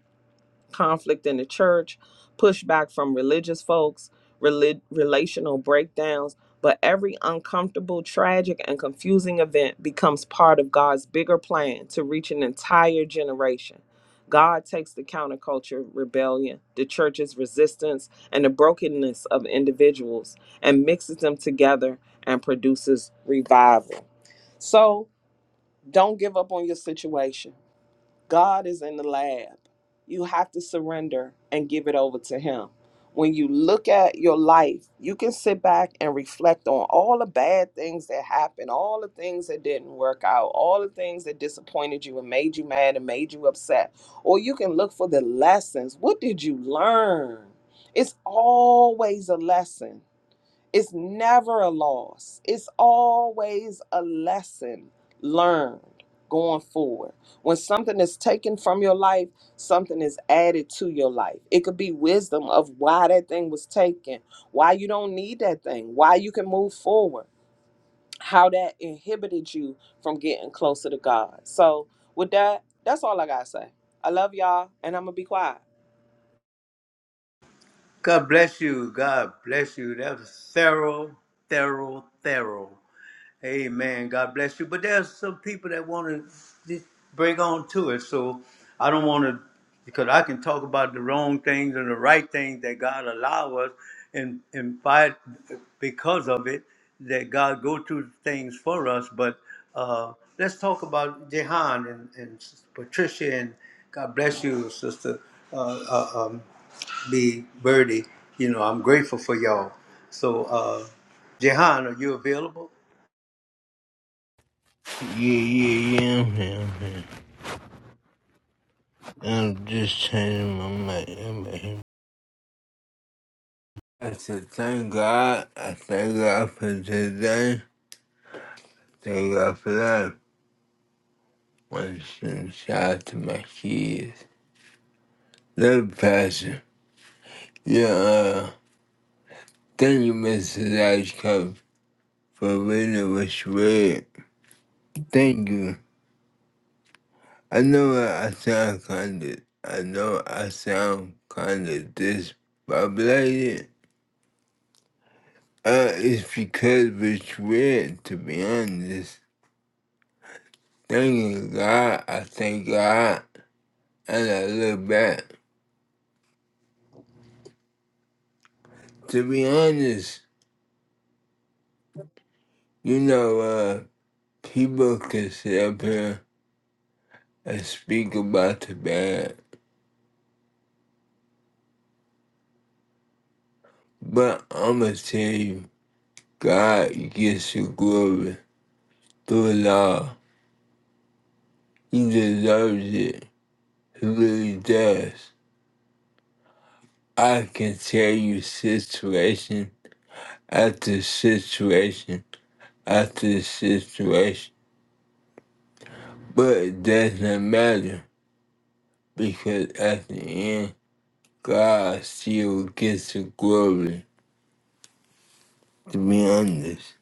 Conflict in the church, pushback from religious folks, relig- relational breakdowns, but every uncomfortable, tragic, and confusing event becomes part of God's bigger plan to reach an entire generation. God takes the counterculture, rebellion, the church's resistance, and the brokenness of individuals and mixes them together and produces revival. So don't give up on your situation God is in the lab. You have to surrender and give it over to Him. When you look at your life, you can sit back and reflect on all the bad things that happened, all the things that didn't work out, all the things that disappointed you and made you mad and made you upset. Or you can look for the lessons. What did you learn? It's always a lesson. It's never a loss. It's always a lesson learned going forward. When something is taken from your life, something is added to your life. It could be wisdom of why that thing was taken, why you don't need that thing, why you can move forward, how that inhibited you from getting closer to God. So, with that, that's all I got to say. I love y'all, and I'm going to be quiet.
<laughs> God bless you. God bless you. That was thorough, thorough, thorough. Amen. God bless you. But there's some people that want to bring on to it. So I don't want to, because I can talk about the wrong things and the right things that God allow us, and and fight because of it that God go through things for us. But uh, let's talk about Jehan and, and Patricia and God bless you, Sister uh, uh, um, B. Birdie. You know I'm grateful for y'all. So uh, Jehan, are you available?
Yeah, yeah, yeah, I'm here, I'm here. I'm just changing my mind. I'm here. I said, thank God. I thank God for today. Thank God for life. Want to send a shout out to my kids. Love you, Pastor. Yeah, uh, thank you, Mrs. Ashcroft, for reading what you read. Thank you. I know I sound kind of, I know I sound kind of disbobulated. Uh, it's because of it's weird, to be honest. Thanking God, I thank God, and I look back. To be honest, you know, uh, people can sit up here and speak about the bad, but I'ma tell you, God gets the glory through it all. He deserves it. He really does. I can tell you situation after situation at the situation, but it doesn't matter because at the end, God still gets the glory. To be honest,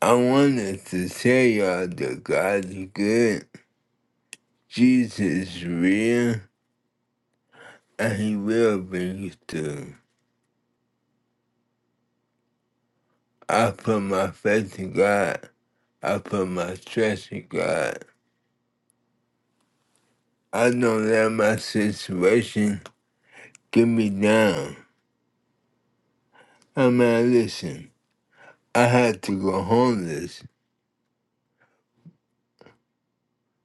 I wanted to tell y'all that God is good, Jesus is real, and He will bring you through. I put my faith in God. I put my trust in God. I don't let my situation get me down. I mean, listen, I had to go homeless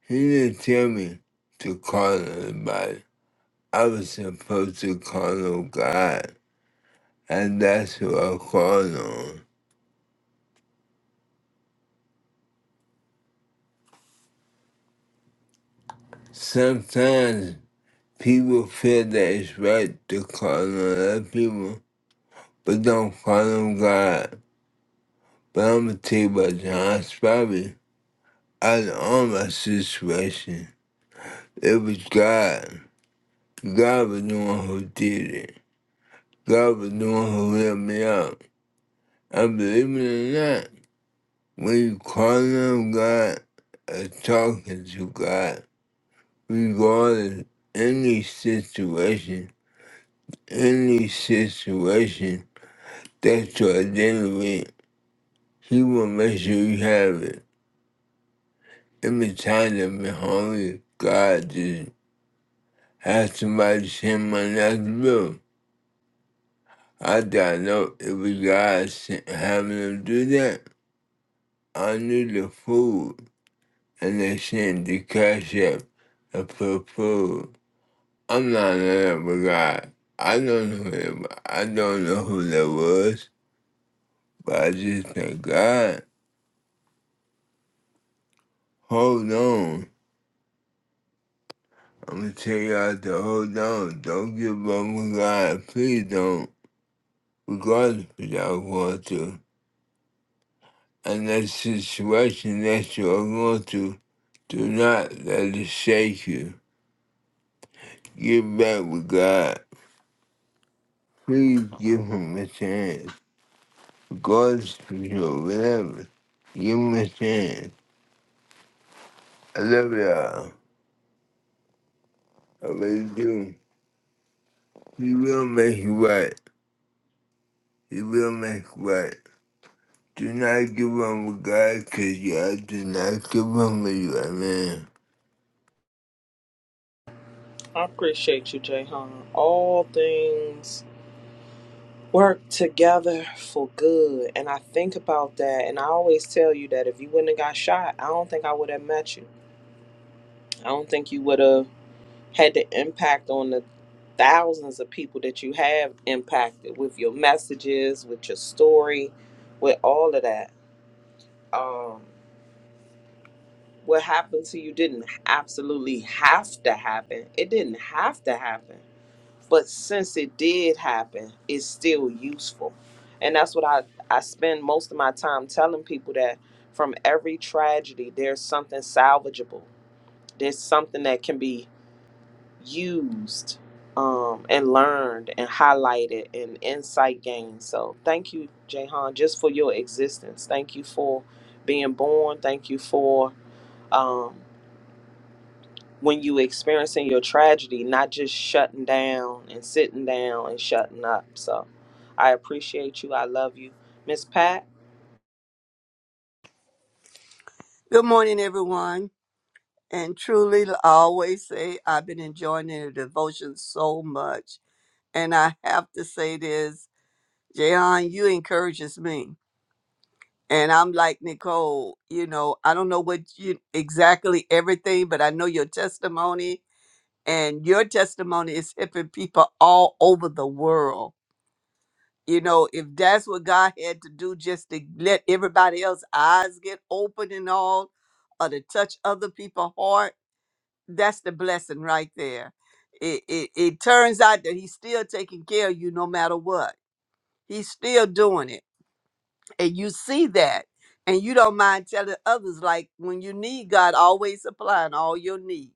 He didn't tell me to call anybody. I was supposed to call on God, and that's who I called on. Sometimes people feel that it's right to call on other people, but don't call on God. But I'm gonna tell you about John Spivey. Out of all my situation, it was God. God was the one who did it. God was the one who let me out. I believe it or not. We calling on God and talking to God Regardless any situation, any situation that you identify. He will make sure you have it. Every time I've been hungry, God just had somebody send my next bill. I didn't know it was God sent- having them do that. I knew the food, and they sent the cash up and put food. I'm not in it with God. I don't know him. I don't know who that was, but I just thank God. Hold on. I'm gonna tell y'all to hold on. Don't give up on God. Please don't. Regardless of what y'all going through. And that situation that you're going through, do not let it shake you. Get back with God. Please give him a chance. Regardless of your whatever. Give him a chance. I love y'all. I really do. He will make you right. He will make you right. Do not give up with God because y'all do not give up with you,
I appreciate you, Jay All things work together for good. And I think about that. And I always tell you that if you wouldn't have got shot, I don't think I would have met you. I don't think you would have had the impact on the thousands of people that you have impacted with your messages, with your story, with all of that. Um, what happened to you didn't absolutely have to happen. It didn't have to happen. but since it did happen it's still useful and that's what i i spend most of my time telling people that from every tragedy there's something salvageable there's something that can be used um, and learned and highlighted and insight gained so thank you jahan just for your existence thank you for being born thank you for um, when you experiencing your tragedy, not just shutting down and sitting down and shutting up. So I appreciate you. I love you. Miss Pat,
Good morning, everyone. And truly, I always say I've been enjoying the devotion so much. And I have to say this, Jayon, you encourages me. And I'm like Nicole, you know, I don't know what you exactly everything, but I know your testimony and your testimony is helping people all over the world. You know, if that's what God had to do just to let everybody else's eyes get open and all, or to touch other people's heart, that's the blessing right there. It, it it turns out that he's still taking care of you no matter what. He's still doing it. And you see that. And you don't mind telling others like when you need God always supplying all your needs.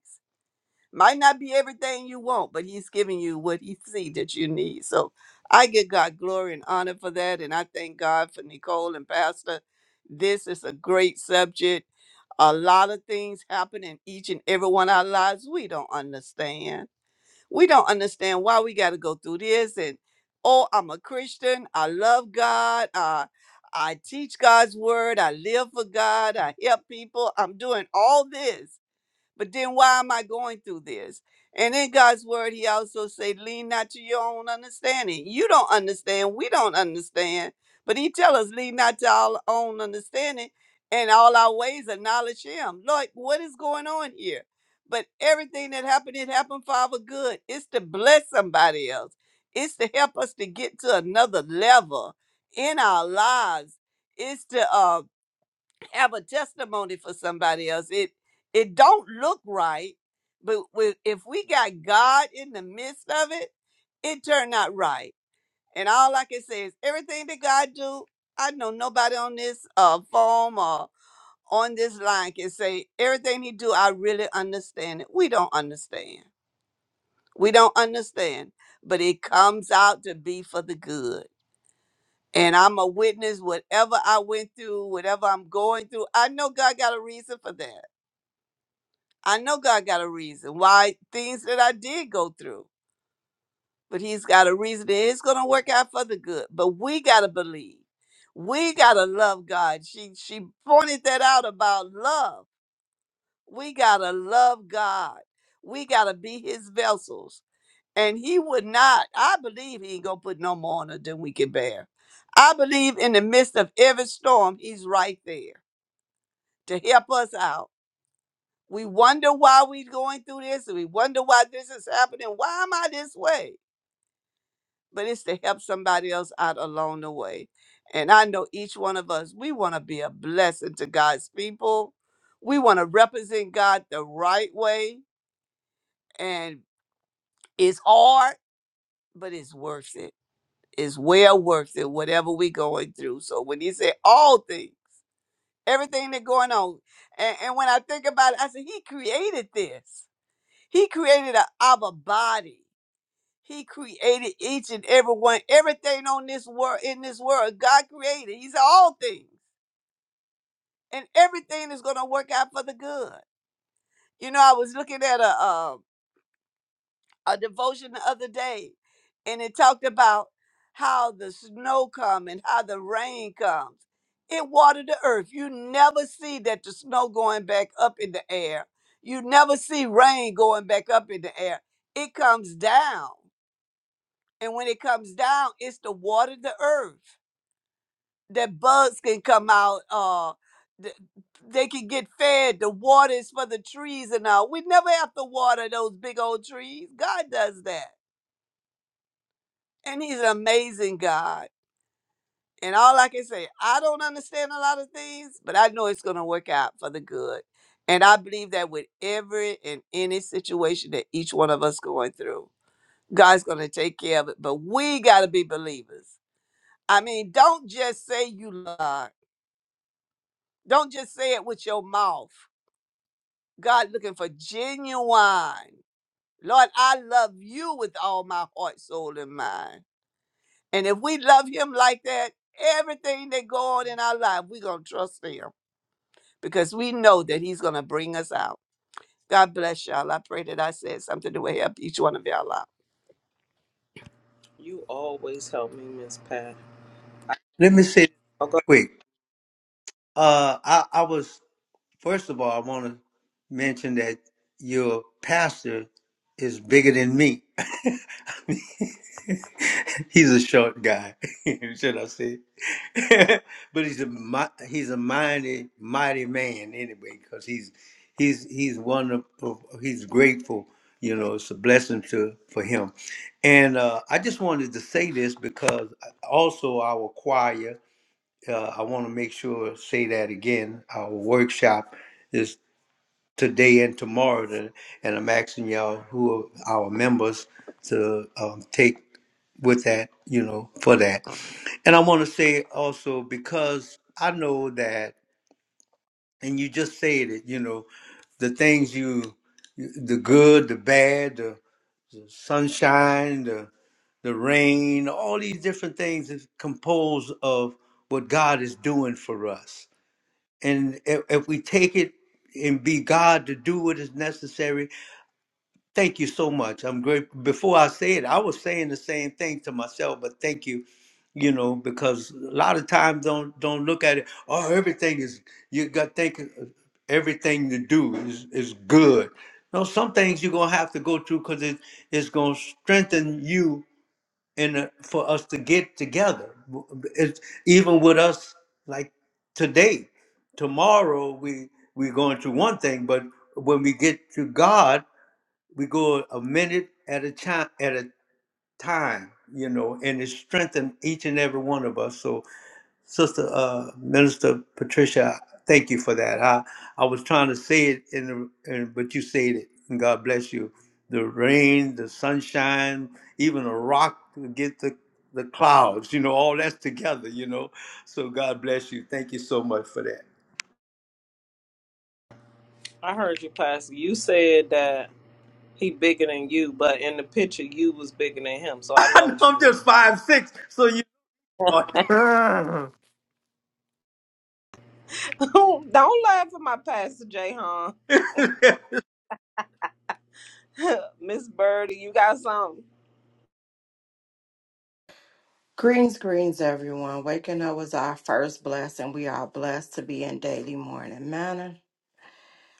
Might not be everything you want, but he's giving you what he see that you need. So I give God glory and honor for that. And I thank God for Nicole and Pastor. This is a great subject. A lot of things happen in each and every one of our lives we don't understand we don't understand why we got to go through this. And oh, I'm a Christian. I love God. I I teach God's word. I live for God. I help people. I'm doing all this. But then why am I going through this? And in God's word, he also said, lean not to your own understanding. You don't understand. We don't understand. But he tell us, lean not to our own understanding and all our ways acknowledge him. Lord, what is going on here? But everything that happened, it happened for our good. It's to bless somebody else. It's to help us to get to another level in our lives. It's to uh, have a testimony for somebody else. It it don't look right, but we, if we got God in the midst of it, it turned out right. And all I can say is everything that God do, I know nobody on this uh phone or on this line can say everything he do. I really understand it. We don't understand. We don't understand, but it comes out to be for the good. And I'm a witness. Whatever I went through, whatever I'm going through, I know God got a reason for that. I know God got a reason why things that I did go through, but He's got a reason. that It's going to work out for the good. But we got to believe. We got to love God. She she pointed that out about love. We got to love God. We got to be His vessels. And He would not. I believe He ain't going to put no more on us than we can bear. I believe in the midst of every storm, He's right there to help us out We wonder why we're going through this. and We wonder why this is happening. Why am I this way? But it's to help somebody else out along the way. And I know each one of us, we want to be a blessing to God's people. We want to represent God the right way. And it's hard, but it's worth it. It's well worth it, whatever we're going through. So when he said all things, everything that's going on, and, and when I think about it, I said, He created this. He created a, our body. He created each and every one, everything on this world, in this world, God created. He's all things, and everything is going to work out for the good. You know, I was looking at a a, a devotion the other day, and it talked about how the snow come and how the rain comes. It watered the earth. You never see that the snow going back up in the air. You never see rain going back up in the air. It comes down, and when it comes down, it's to water the earth that bugs can come out. Uh, th- they can get fed. The water is for the trees and all. We never have to water those big old trees. God does that, and He's an amazing God. And all I can say, I don't understand a lot of things, but I know it's going to work out for the good. And I believe that with every and any situation that each one of us going through, God's going to take care of it. But we got to be believers. I mean, don't just say you love. God. Don't just say it with your mouth God looking for genuine. Lord, I love you with all my heart, soul, and mind. And if we love him like that, everything that go on in our life, we're going to trust him because we know that he's going to bring us out. God bless y'all. I pray that I said something that will help each one of y'all out.
you always help me, Miss Pat.
Let me say this
Okay.
right quick. Uh, I, I was first of all, I want to mention that your pastor is bigger than me. <laughs> I mean, <laughs> he's a short guy, <laughs> should I say? <laughs> but he's a mi- he's a mighty mighty man anyway, because he's he's he's one of, of he's grateful. You know, it's a blessing to for him. And uh, I just wanted to say this because uh, also our choir uh, I want to make sure say that again. Our workshop is today and tomorrow, the- and I'm asking y'all who are our members to um, take with that, you know, for that. And I want to say also because I know that, and you just said it, you know, the things you, the good, the bad, the, the sunshine, the the rain, all these different things is composed of what God is doing for us and if, if we take it and be God to do what is necessary, thank you so much. I'm grateful. Before I say it, I was saying the same thing to myself, but thank you, you know, because a lot of times don't don't look at it. Oh, everything is you got think everything to do is is good. No, some things you're gonna have to go through because it, it's gonna strengthen you and uh, for us to get together. It's even with us like today, tomorrow we we're going through one thing, but when we get to God, we go a minute at a time at a time, you know, and it strengthens each and every one of us. So Sister uh, Minister Patricia, thank you for that. I, I was trying to say it in the, in, but you said it. And God bless you. The rain, the sunshine, even a rock to get the the clouds. You know, all that's together. You know, so God bless you. Thank you so much for that.
I heard you, Pastor. You said that he bigger than you, but in the picture you was bigger than him. So
<laughs>
I
I
know
know
what you
I'm
mean.
just five six, so you. know.
amen. <laughs>
<laughs> Don't laugh at my Pastor Jay, huh? <laughs> Miss Birdie, you got something.
Greens, greens, everyone. Waking up was our first blessing. We are blessed to be in daily morning manner.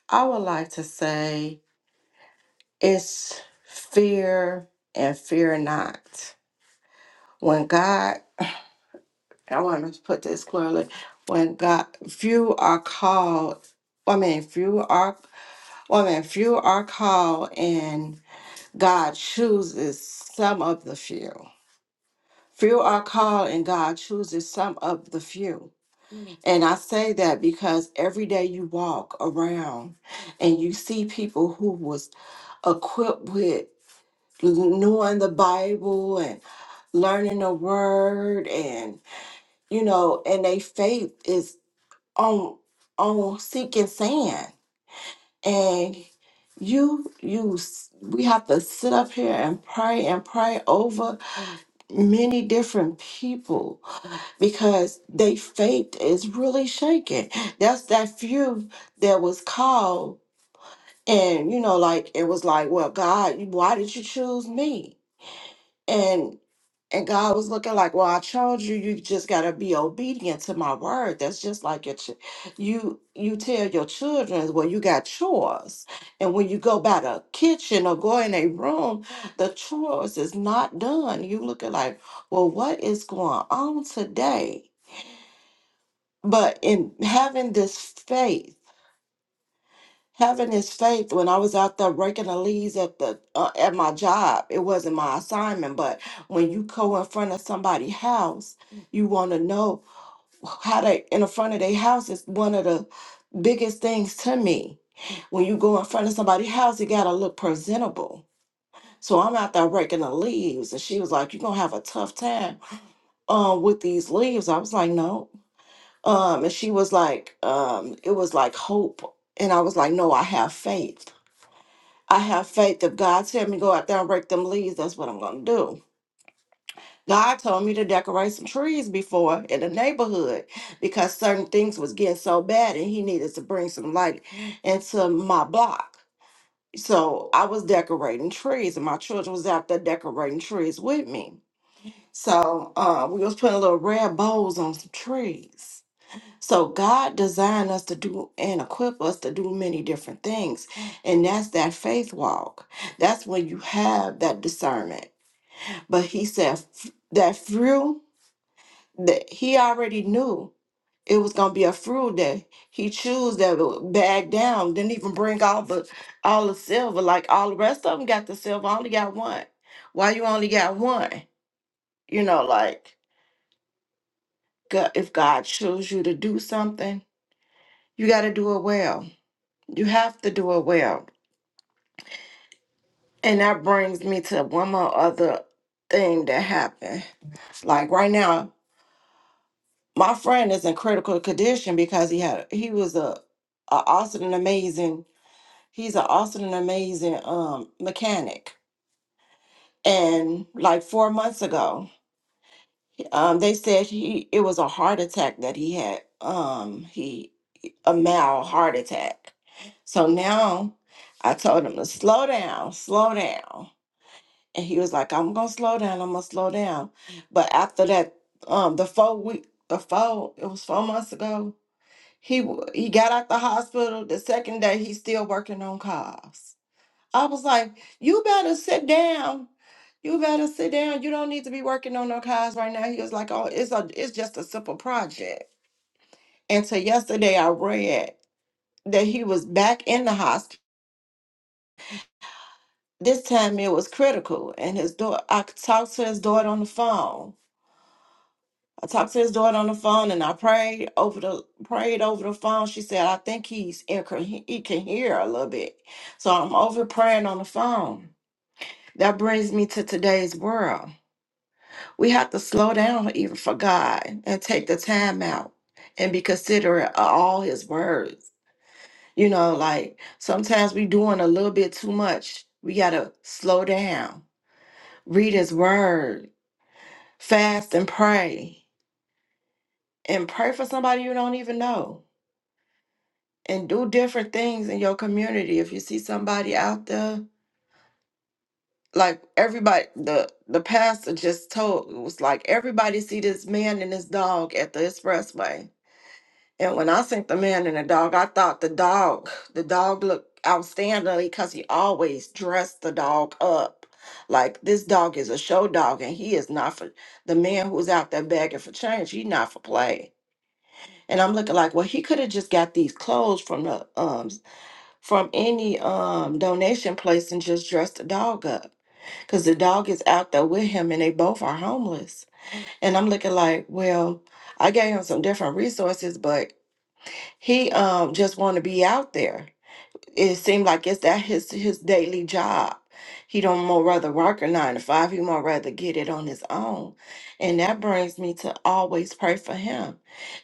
I would like to say it's fear and fear not. When God, I want to put this clearly, when God, few are called, I mean, few are, I mean, few are called, and God chooses some of the few. Few are called, and God chooses some of the few. And I say that because every day you walk around and you see people who was equipped with knowing the Bible and learning the word and you know and they faith is on on sinking sand and you you s- we have to sit up here and pray and pray over many different people because they faith is really shaking. That's that few that was called, and you know, like it was like, well, God, why did you choose me? And and God was looking like, well, I told you, you just gotta be obedient to my word. That's just like your, ch- you you tell your children, well, you got chores, and when you go by the kitchen or go in a room, the chores is not done. You looking like, well, what is going on today? But in having this faith, having this faith, when I was out there raking the leaves at the uh, at my job, it wasn't my assignment. But when you go in front of somebody's house, you want to know how they in the front of their house is one of the biggest things to me. When you go in front of somebody's house, you gotta look presentable. So I'm out there raking the leaves, and she was like, "You're gonna have a tough time um, with these leaves." I was like, "No." um and she was like um it was like hope and i was like no i have faith i have faith if god tell me go out there and break them leaves that's what i'm gonna do god told me to decorate some trees before in the neighborhood because certain things was getting so bad and he needed to bring some light into my block so i was decorating trees and my children was out there decorating trees with me so uh, we was putting little red bows on some trees So God designed us to do and equip us to do many different things. And that's that faith walk. That's when you have that discernment. But he said f- that fruit that he already knew it was gonna be a fruit that he chose that would bag down, didn't even bring all the all the silver, like all the rest of them got the silver, I only got one. Why you only got one? You know, like God, if God chose you to do something, you gotta do it well You have to do it well. And that brings me to one more other thing that happened. Like right now, my friend is in critical condition because he had he was a, a awesome and amazing he's an awesome and amazing um mechanic. And like four months ago, um, they said he it was a heart attack that he had. Um, he a mild heart attack. So now I told him to slow down, slow down and he was like, "I'm gonna slow down. I'm gonna slow down." But after that, um, the four week, the four, it was four months ago. He w- he got out the hospital. The second day, he's still working on cars. I was like, "You better sit down. You better sit down. You don't need to be working on no cars right now." He was like, "Oh, it's a, it's just a simple project." And so yesterday, I read that he was back in the hospital. This time it was critical, and his daughter. I talked to his daughter on the phone I talked to his daughter on the phone and I prayed over the prayed over the phone. She said, I think he's inco- he can hear a little bit. So I'm over praying on the phone. That brings me to today's world. We have to slow down even for God and take the time out and be considerate of all his words. You know, like sometimes we doing a little bit too much. We gotta slow down, read his word, fast and pray. And pray for somebody you don't even know and do different things in your community. If you see somebody out there, like everybody, the the pastor just told it was like everybody see this man and his dog at the expressway. And when I seen the man and the dog, I thought the dog, the dog looked outstandingly because he always dressed the dog up. Like this dog is a show dog, and he is not for the man who's out there begging for change. He not for play. And I'm looking like, well, he could have just got these clothes from the um from any um donation place and just dress the dog up because the dog is out there with him and they both are homeless and i'm looking like well i gave him some different resources but he um just want to be out there it seemed like it's that his his daily job. He don't more rather work a nine to five. He more rather get it on his own, and that brings me to always pray for him.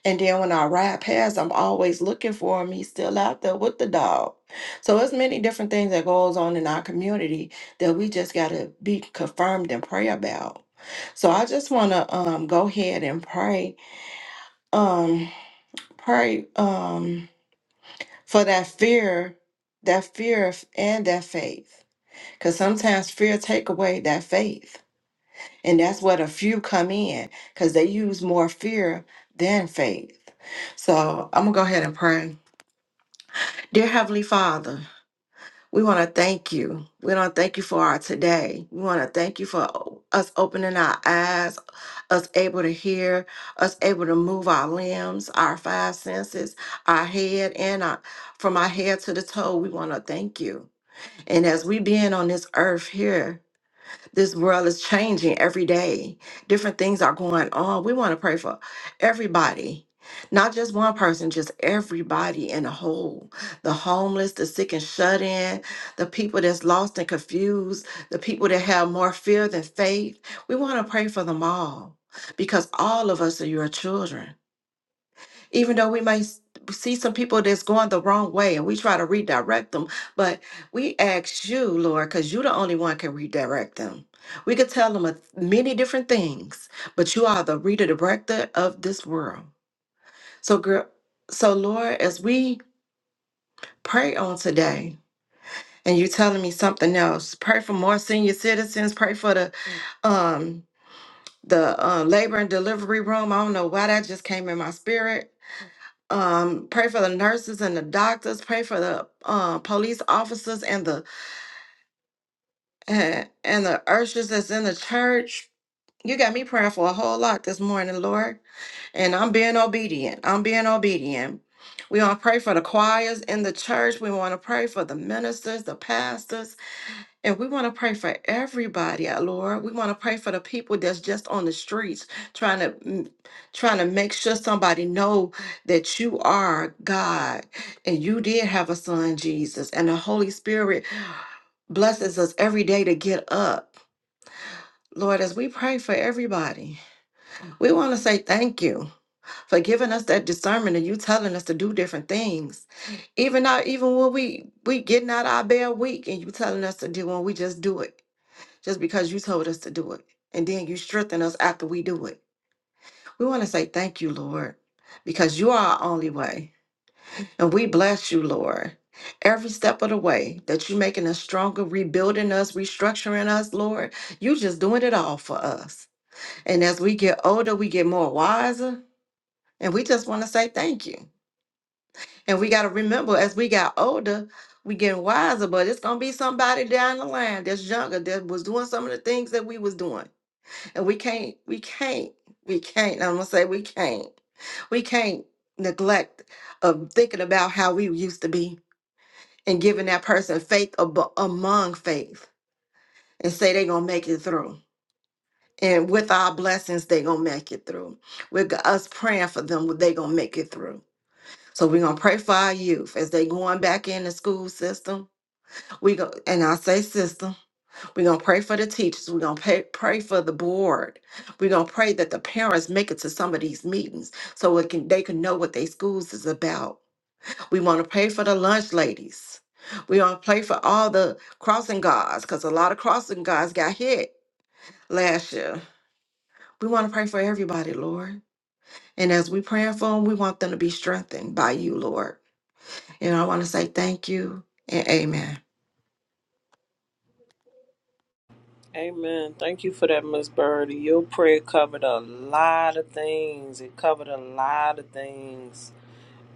And then when I ride past, I'm always looking for him. He's still out there with the dog. So it's many different things that goes on in our community that we just gotta be confirmed and pray about. So I just wanna um go ahead and pray. Um pray. Um for that fear, that fear f- and that faith. Because sometimes fear take away that faith. And that's where the few come in because they use more fear than faith. So I'm going to go ahead and pray. Dear Heavenly Father, we want to thank you. We want to thank you for our today. We want to thank you for us opening our eyes, us able to hear, us able to move our limbs, our five senses, our head, and our, from our head to the toe. We want to thank you. And as we being on this earth here, this world is changing every day. Different things are going on. We want to pray for everybody, not just one person, just everybody in the whole. The homeless, the sick and shut in, the people that's lost and confused, the people that have more fear than faith. We want to pray for them all because all of us are your children even though we may s- see some people that's going the wrong way and we try to redirect them but we ask you lord because you the only one can redirect them we could tell them a, many different things but you are the redirector of this world so girl so lord as we pray on today and you telling me something else pray for more senior citizens pray for the um the uh, labor and delivery room i don't know why that just came in my spirit um pray for the nurses and the doctors pray for the uh, police officers and the and, and the ushers that's in the church you got me praying for a whole lot this morning lord and i'm being obedient i'm being obedient we want to pray for the choirs in the church we want to pray for the ministers the pastors and we want to pray for everybody, uh, Lord. We want to pray for the people that's just on the streets trying to mm, trying to make sure somebody know that you are God and you did have a son, Jesus, and the Holy Spirit blesses us every day to get up. Lord, as we pray for everybody, we want to say thank you for giving us that discernment and you telling us to do different things. Even now, even when we we getting out of our bed weak and you telling us to do when we just do it just because you told us to do it. And then you strengthen us after we do it. We want to say thank you, Lord, because you are our only way. And we bless you, Lord, every step of the way that you're making us stronger, rebuilding us, restructuring us, Lord. You just doing it all for us. And as we get older, we get more wiser. And we just want to say thank you. And we got to remember as we got older, we getting wiser, but it's gonna be somebody down the line that's younger that was doing some of the things that we was doing And we can't, we can't, we can't. I'm gonna say we can't. We can't neglect of thinking about how we used to be and giving that person faith ab- among faith and say they're gonna make it through. And with our blessings, they gonna make it through. With us praying for them, they gonna make it through. So we're gonna pray for our youth as they going back in the school system. We go and I say system We're going to pray for the teachers. We're going to pay, pray for the board. We're going to pray that the parents make it to some of these meetings so it can, they can know what their schools is about. We want to pray for the lunch ladies. We want to pray for all the crossing guards because a lot of crossing guards got hit last year. We want to pray for everybody, Lord. And as we praying for them, we want them to be strengthened by you, Lord. And I want to say thank you and amen.
Amen. Thank you for that, Miss Birdie. Your prayer covered a lot of things. It covered a lot of things.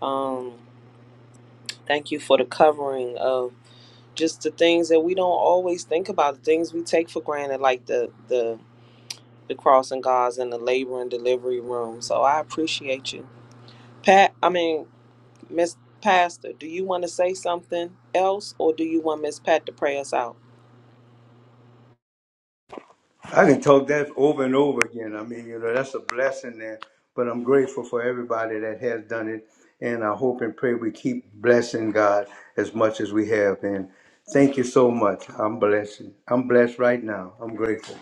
Um, thank you for the covering of just the things that we don't always think about, the things we take for granted, like the the the crossing guards and the labor and delivery room. So I appreciate you, Pat. I mean, Miss Pastor, do you want to say something else, or do you want Miss Pat to pray us out?
I can talk that over and over again. I mean, you know, that's a blessing there. But I'm grateful for everybody that has done it. And I hope and pray we keep blessing God as much as we have. And thank you so much. I'm blessed. I'm blessed right now. I'm grateful.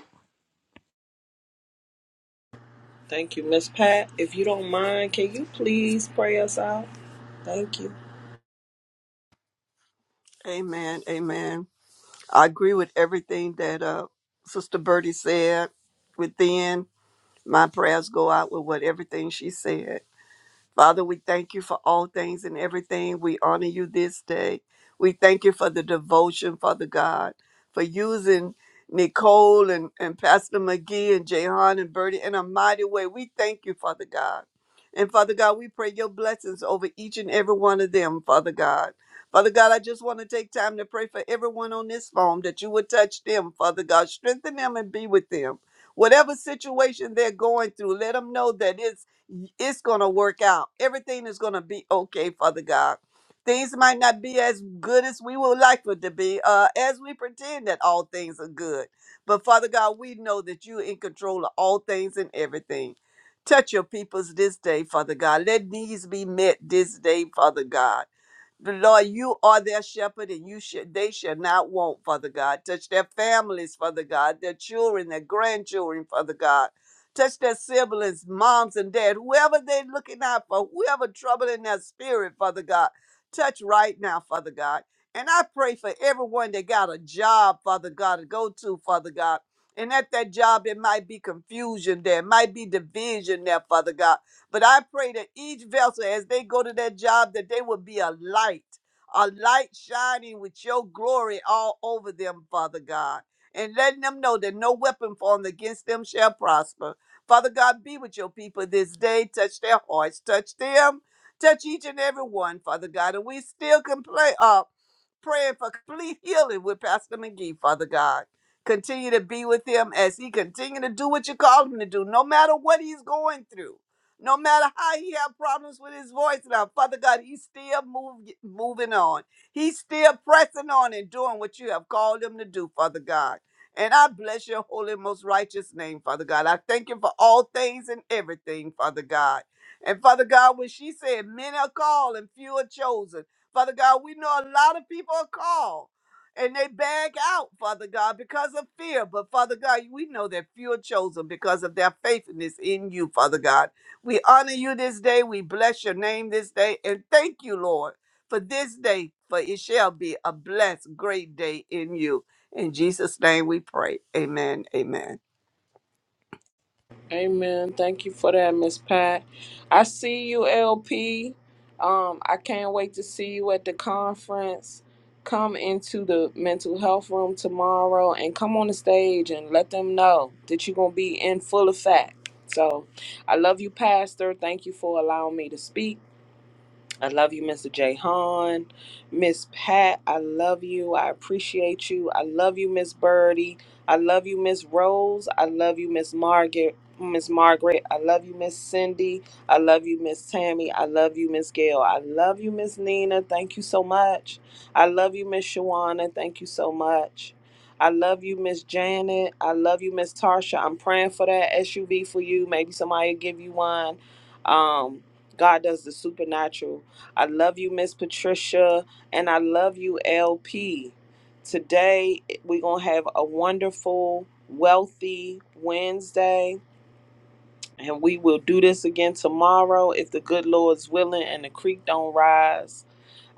Thank you, Miss Pat. If you don't mind, can you please pray us out? Thank you.
Amen. Amen. I agree with everything that uh, Sister Birdie said. Within my prayers go out with what everything she said. Father, we thank you for all things and everything. We honor you this day. We thank you for the devotion, Father God, for using Nicole and, and Pastor McGee and Jehan and Bertie in a mighty way. We thank you, Father God. And Father God, we pray your blessings over each and every one of them, Father God. Father God, I just want to take time to pray for everyone on this phone that you would touch them, Father God. Strengthen them and be with them. Whatever situation they're going through, let them know that it's it's going to work out. Everything is going to be okay, Father God. Things might not be as good as we would like for it to be, uh, as we pretend that all things are good. But Father God, we know that you're in control of all things and everything. Touch your peoples this day, Father God. Let needs be met this day, Father God. The Lord, you are their shepherd, and you should they shall not want, Father God. Touch their families, Father God, their children, their grandchildren, Father God. Touch their siblings, moms and dad, whoever they're looking out for, whoever troubling their spirit, Father God. Touch right now, Father God. And I pray for everyone that got a job, Father God, to go to, Father God. And at that job, it might be confusion there, might be division there, Father God. But I pray that each vessel, as they go to that job, that they will be a light, a light shining with your glory all over them, Father God, and letting them know that no weapon formed against them shall prosper. Father God, be with your people this day. Touch their hearts, touch them, touch each and every one, Father God. And we still can play up praying for complete healing with Pastor McGee, Father God. Continue to be with him as he continue to do what you called him to do, no matter what he's going through. No matter how he have problems with his voice now, Father God, he's still move, moving on. He's still pressing on and doing what you have called him to do, Father God. And I bless your holy, most righteous name, Father God. I thank you for all things and everything, Father God. And Father God, when she said, many are called and few are chosen, Father God, we know a lot of people are called and they bag out, Father God, because of fear. But Father God, we know that few are chosen because of their faithfulness in you, Father God. We honor you this day. We bless your name this day. And thank you, Lord, for this day, for it shall be a blessed, great day in you. In Jesus' name we pray. Amen. Amen.
Amen. Thank you for that, Miss Pat. I see you, LP. Um, I can't wait to see you at the conference. Come into the mental health room tomorrow and come on the stage and let them know that you're gonna be in full effect. So I love you, Pastor. Thank you for allowing me to speak. I love you, Mr. J. Hahn. Miss Pat, I love you. I appreciate you. I love you, Miss Birdie. I love you, Miss Rose. I love you, Miss Margaret. Miss Margaret, I love you, Miss Cindy. I love you, Miss Tammy. I love you, Miss Gail. I love you, Miss Nina. Thank you so much. I love you, Miss Shawana. Thank you so much. I love you, Miss Janet. I love you, Miss Tarsha. I'm praying for that SUV for you. Maybe somebody will give you one. Um, God does the supernatural. I love you, Miss Patricia, and I love you, LP. Today, we're going to have a wonderful, wealthy Wednesday, and we will do this again tomorrow if the good Lord's willing and the creek don't rise.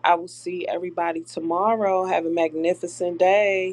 I will see everybody tomorrow. Have a magnificent day.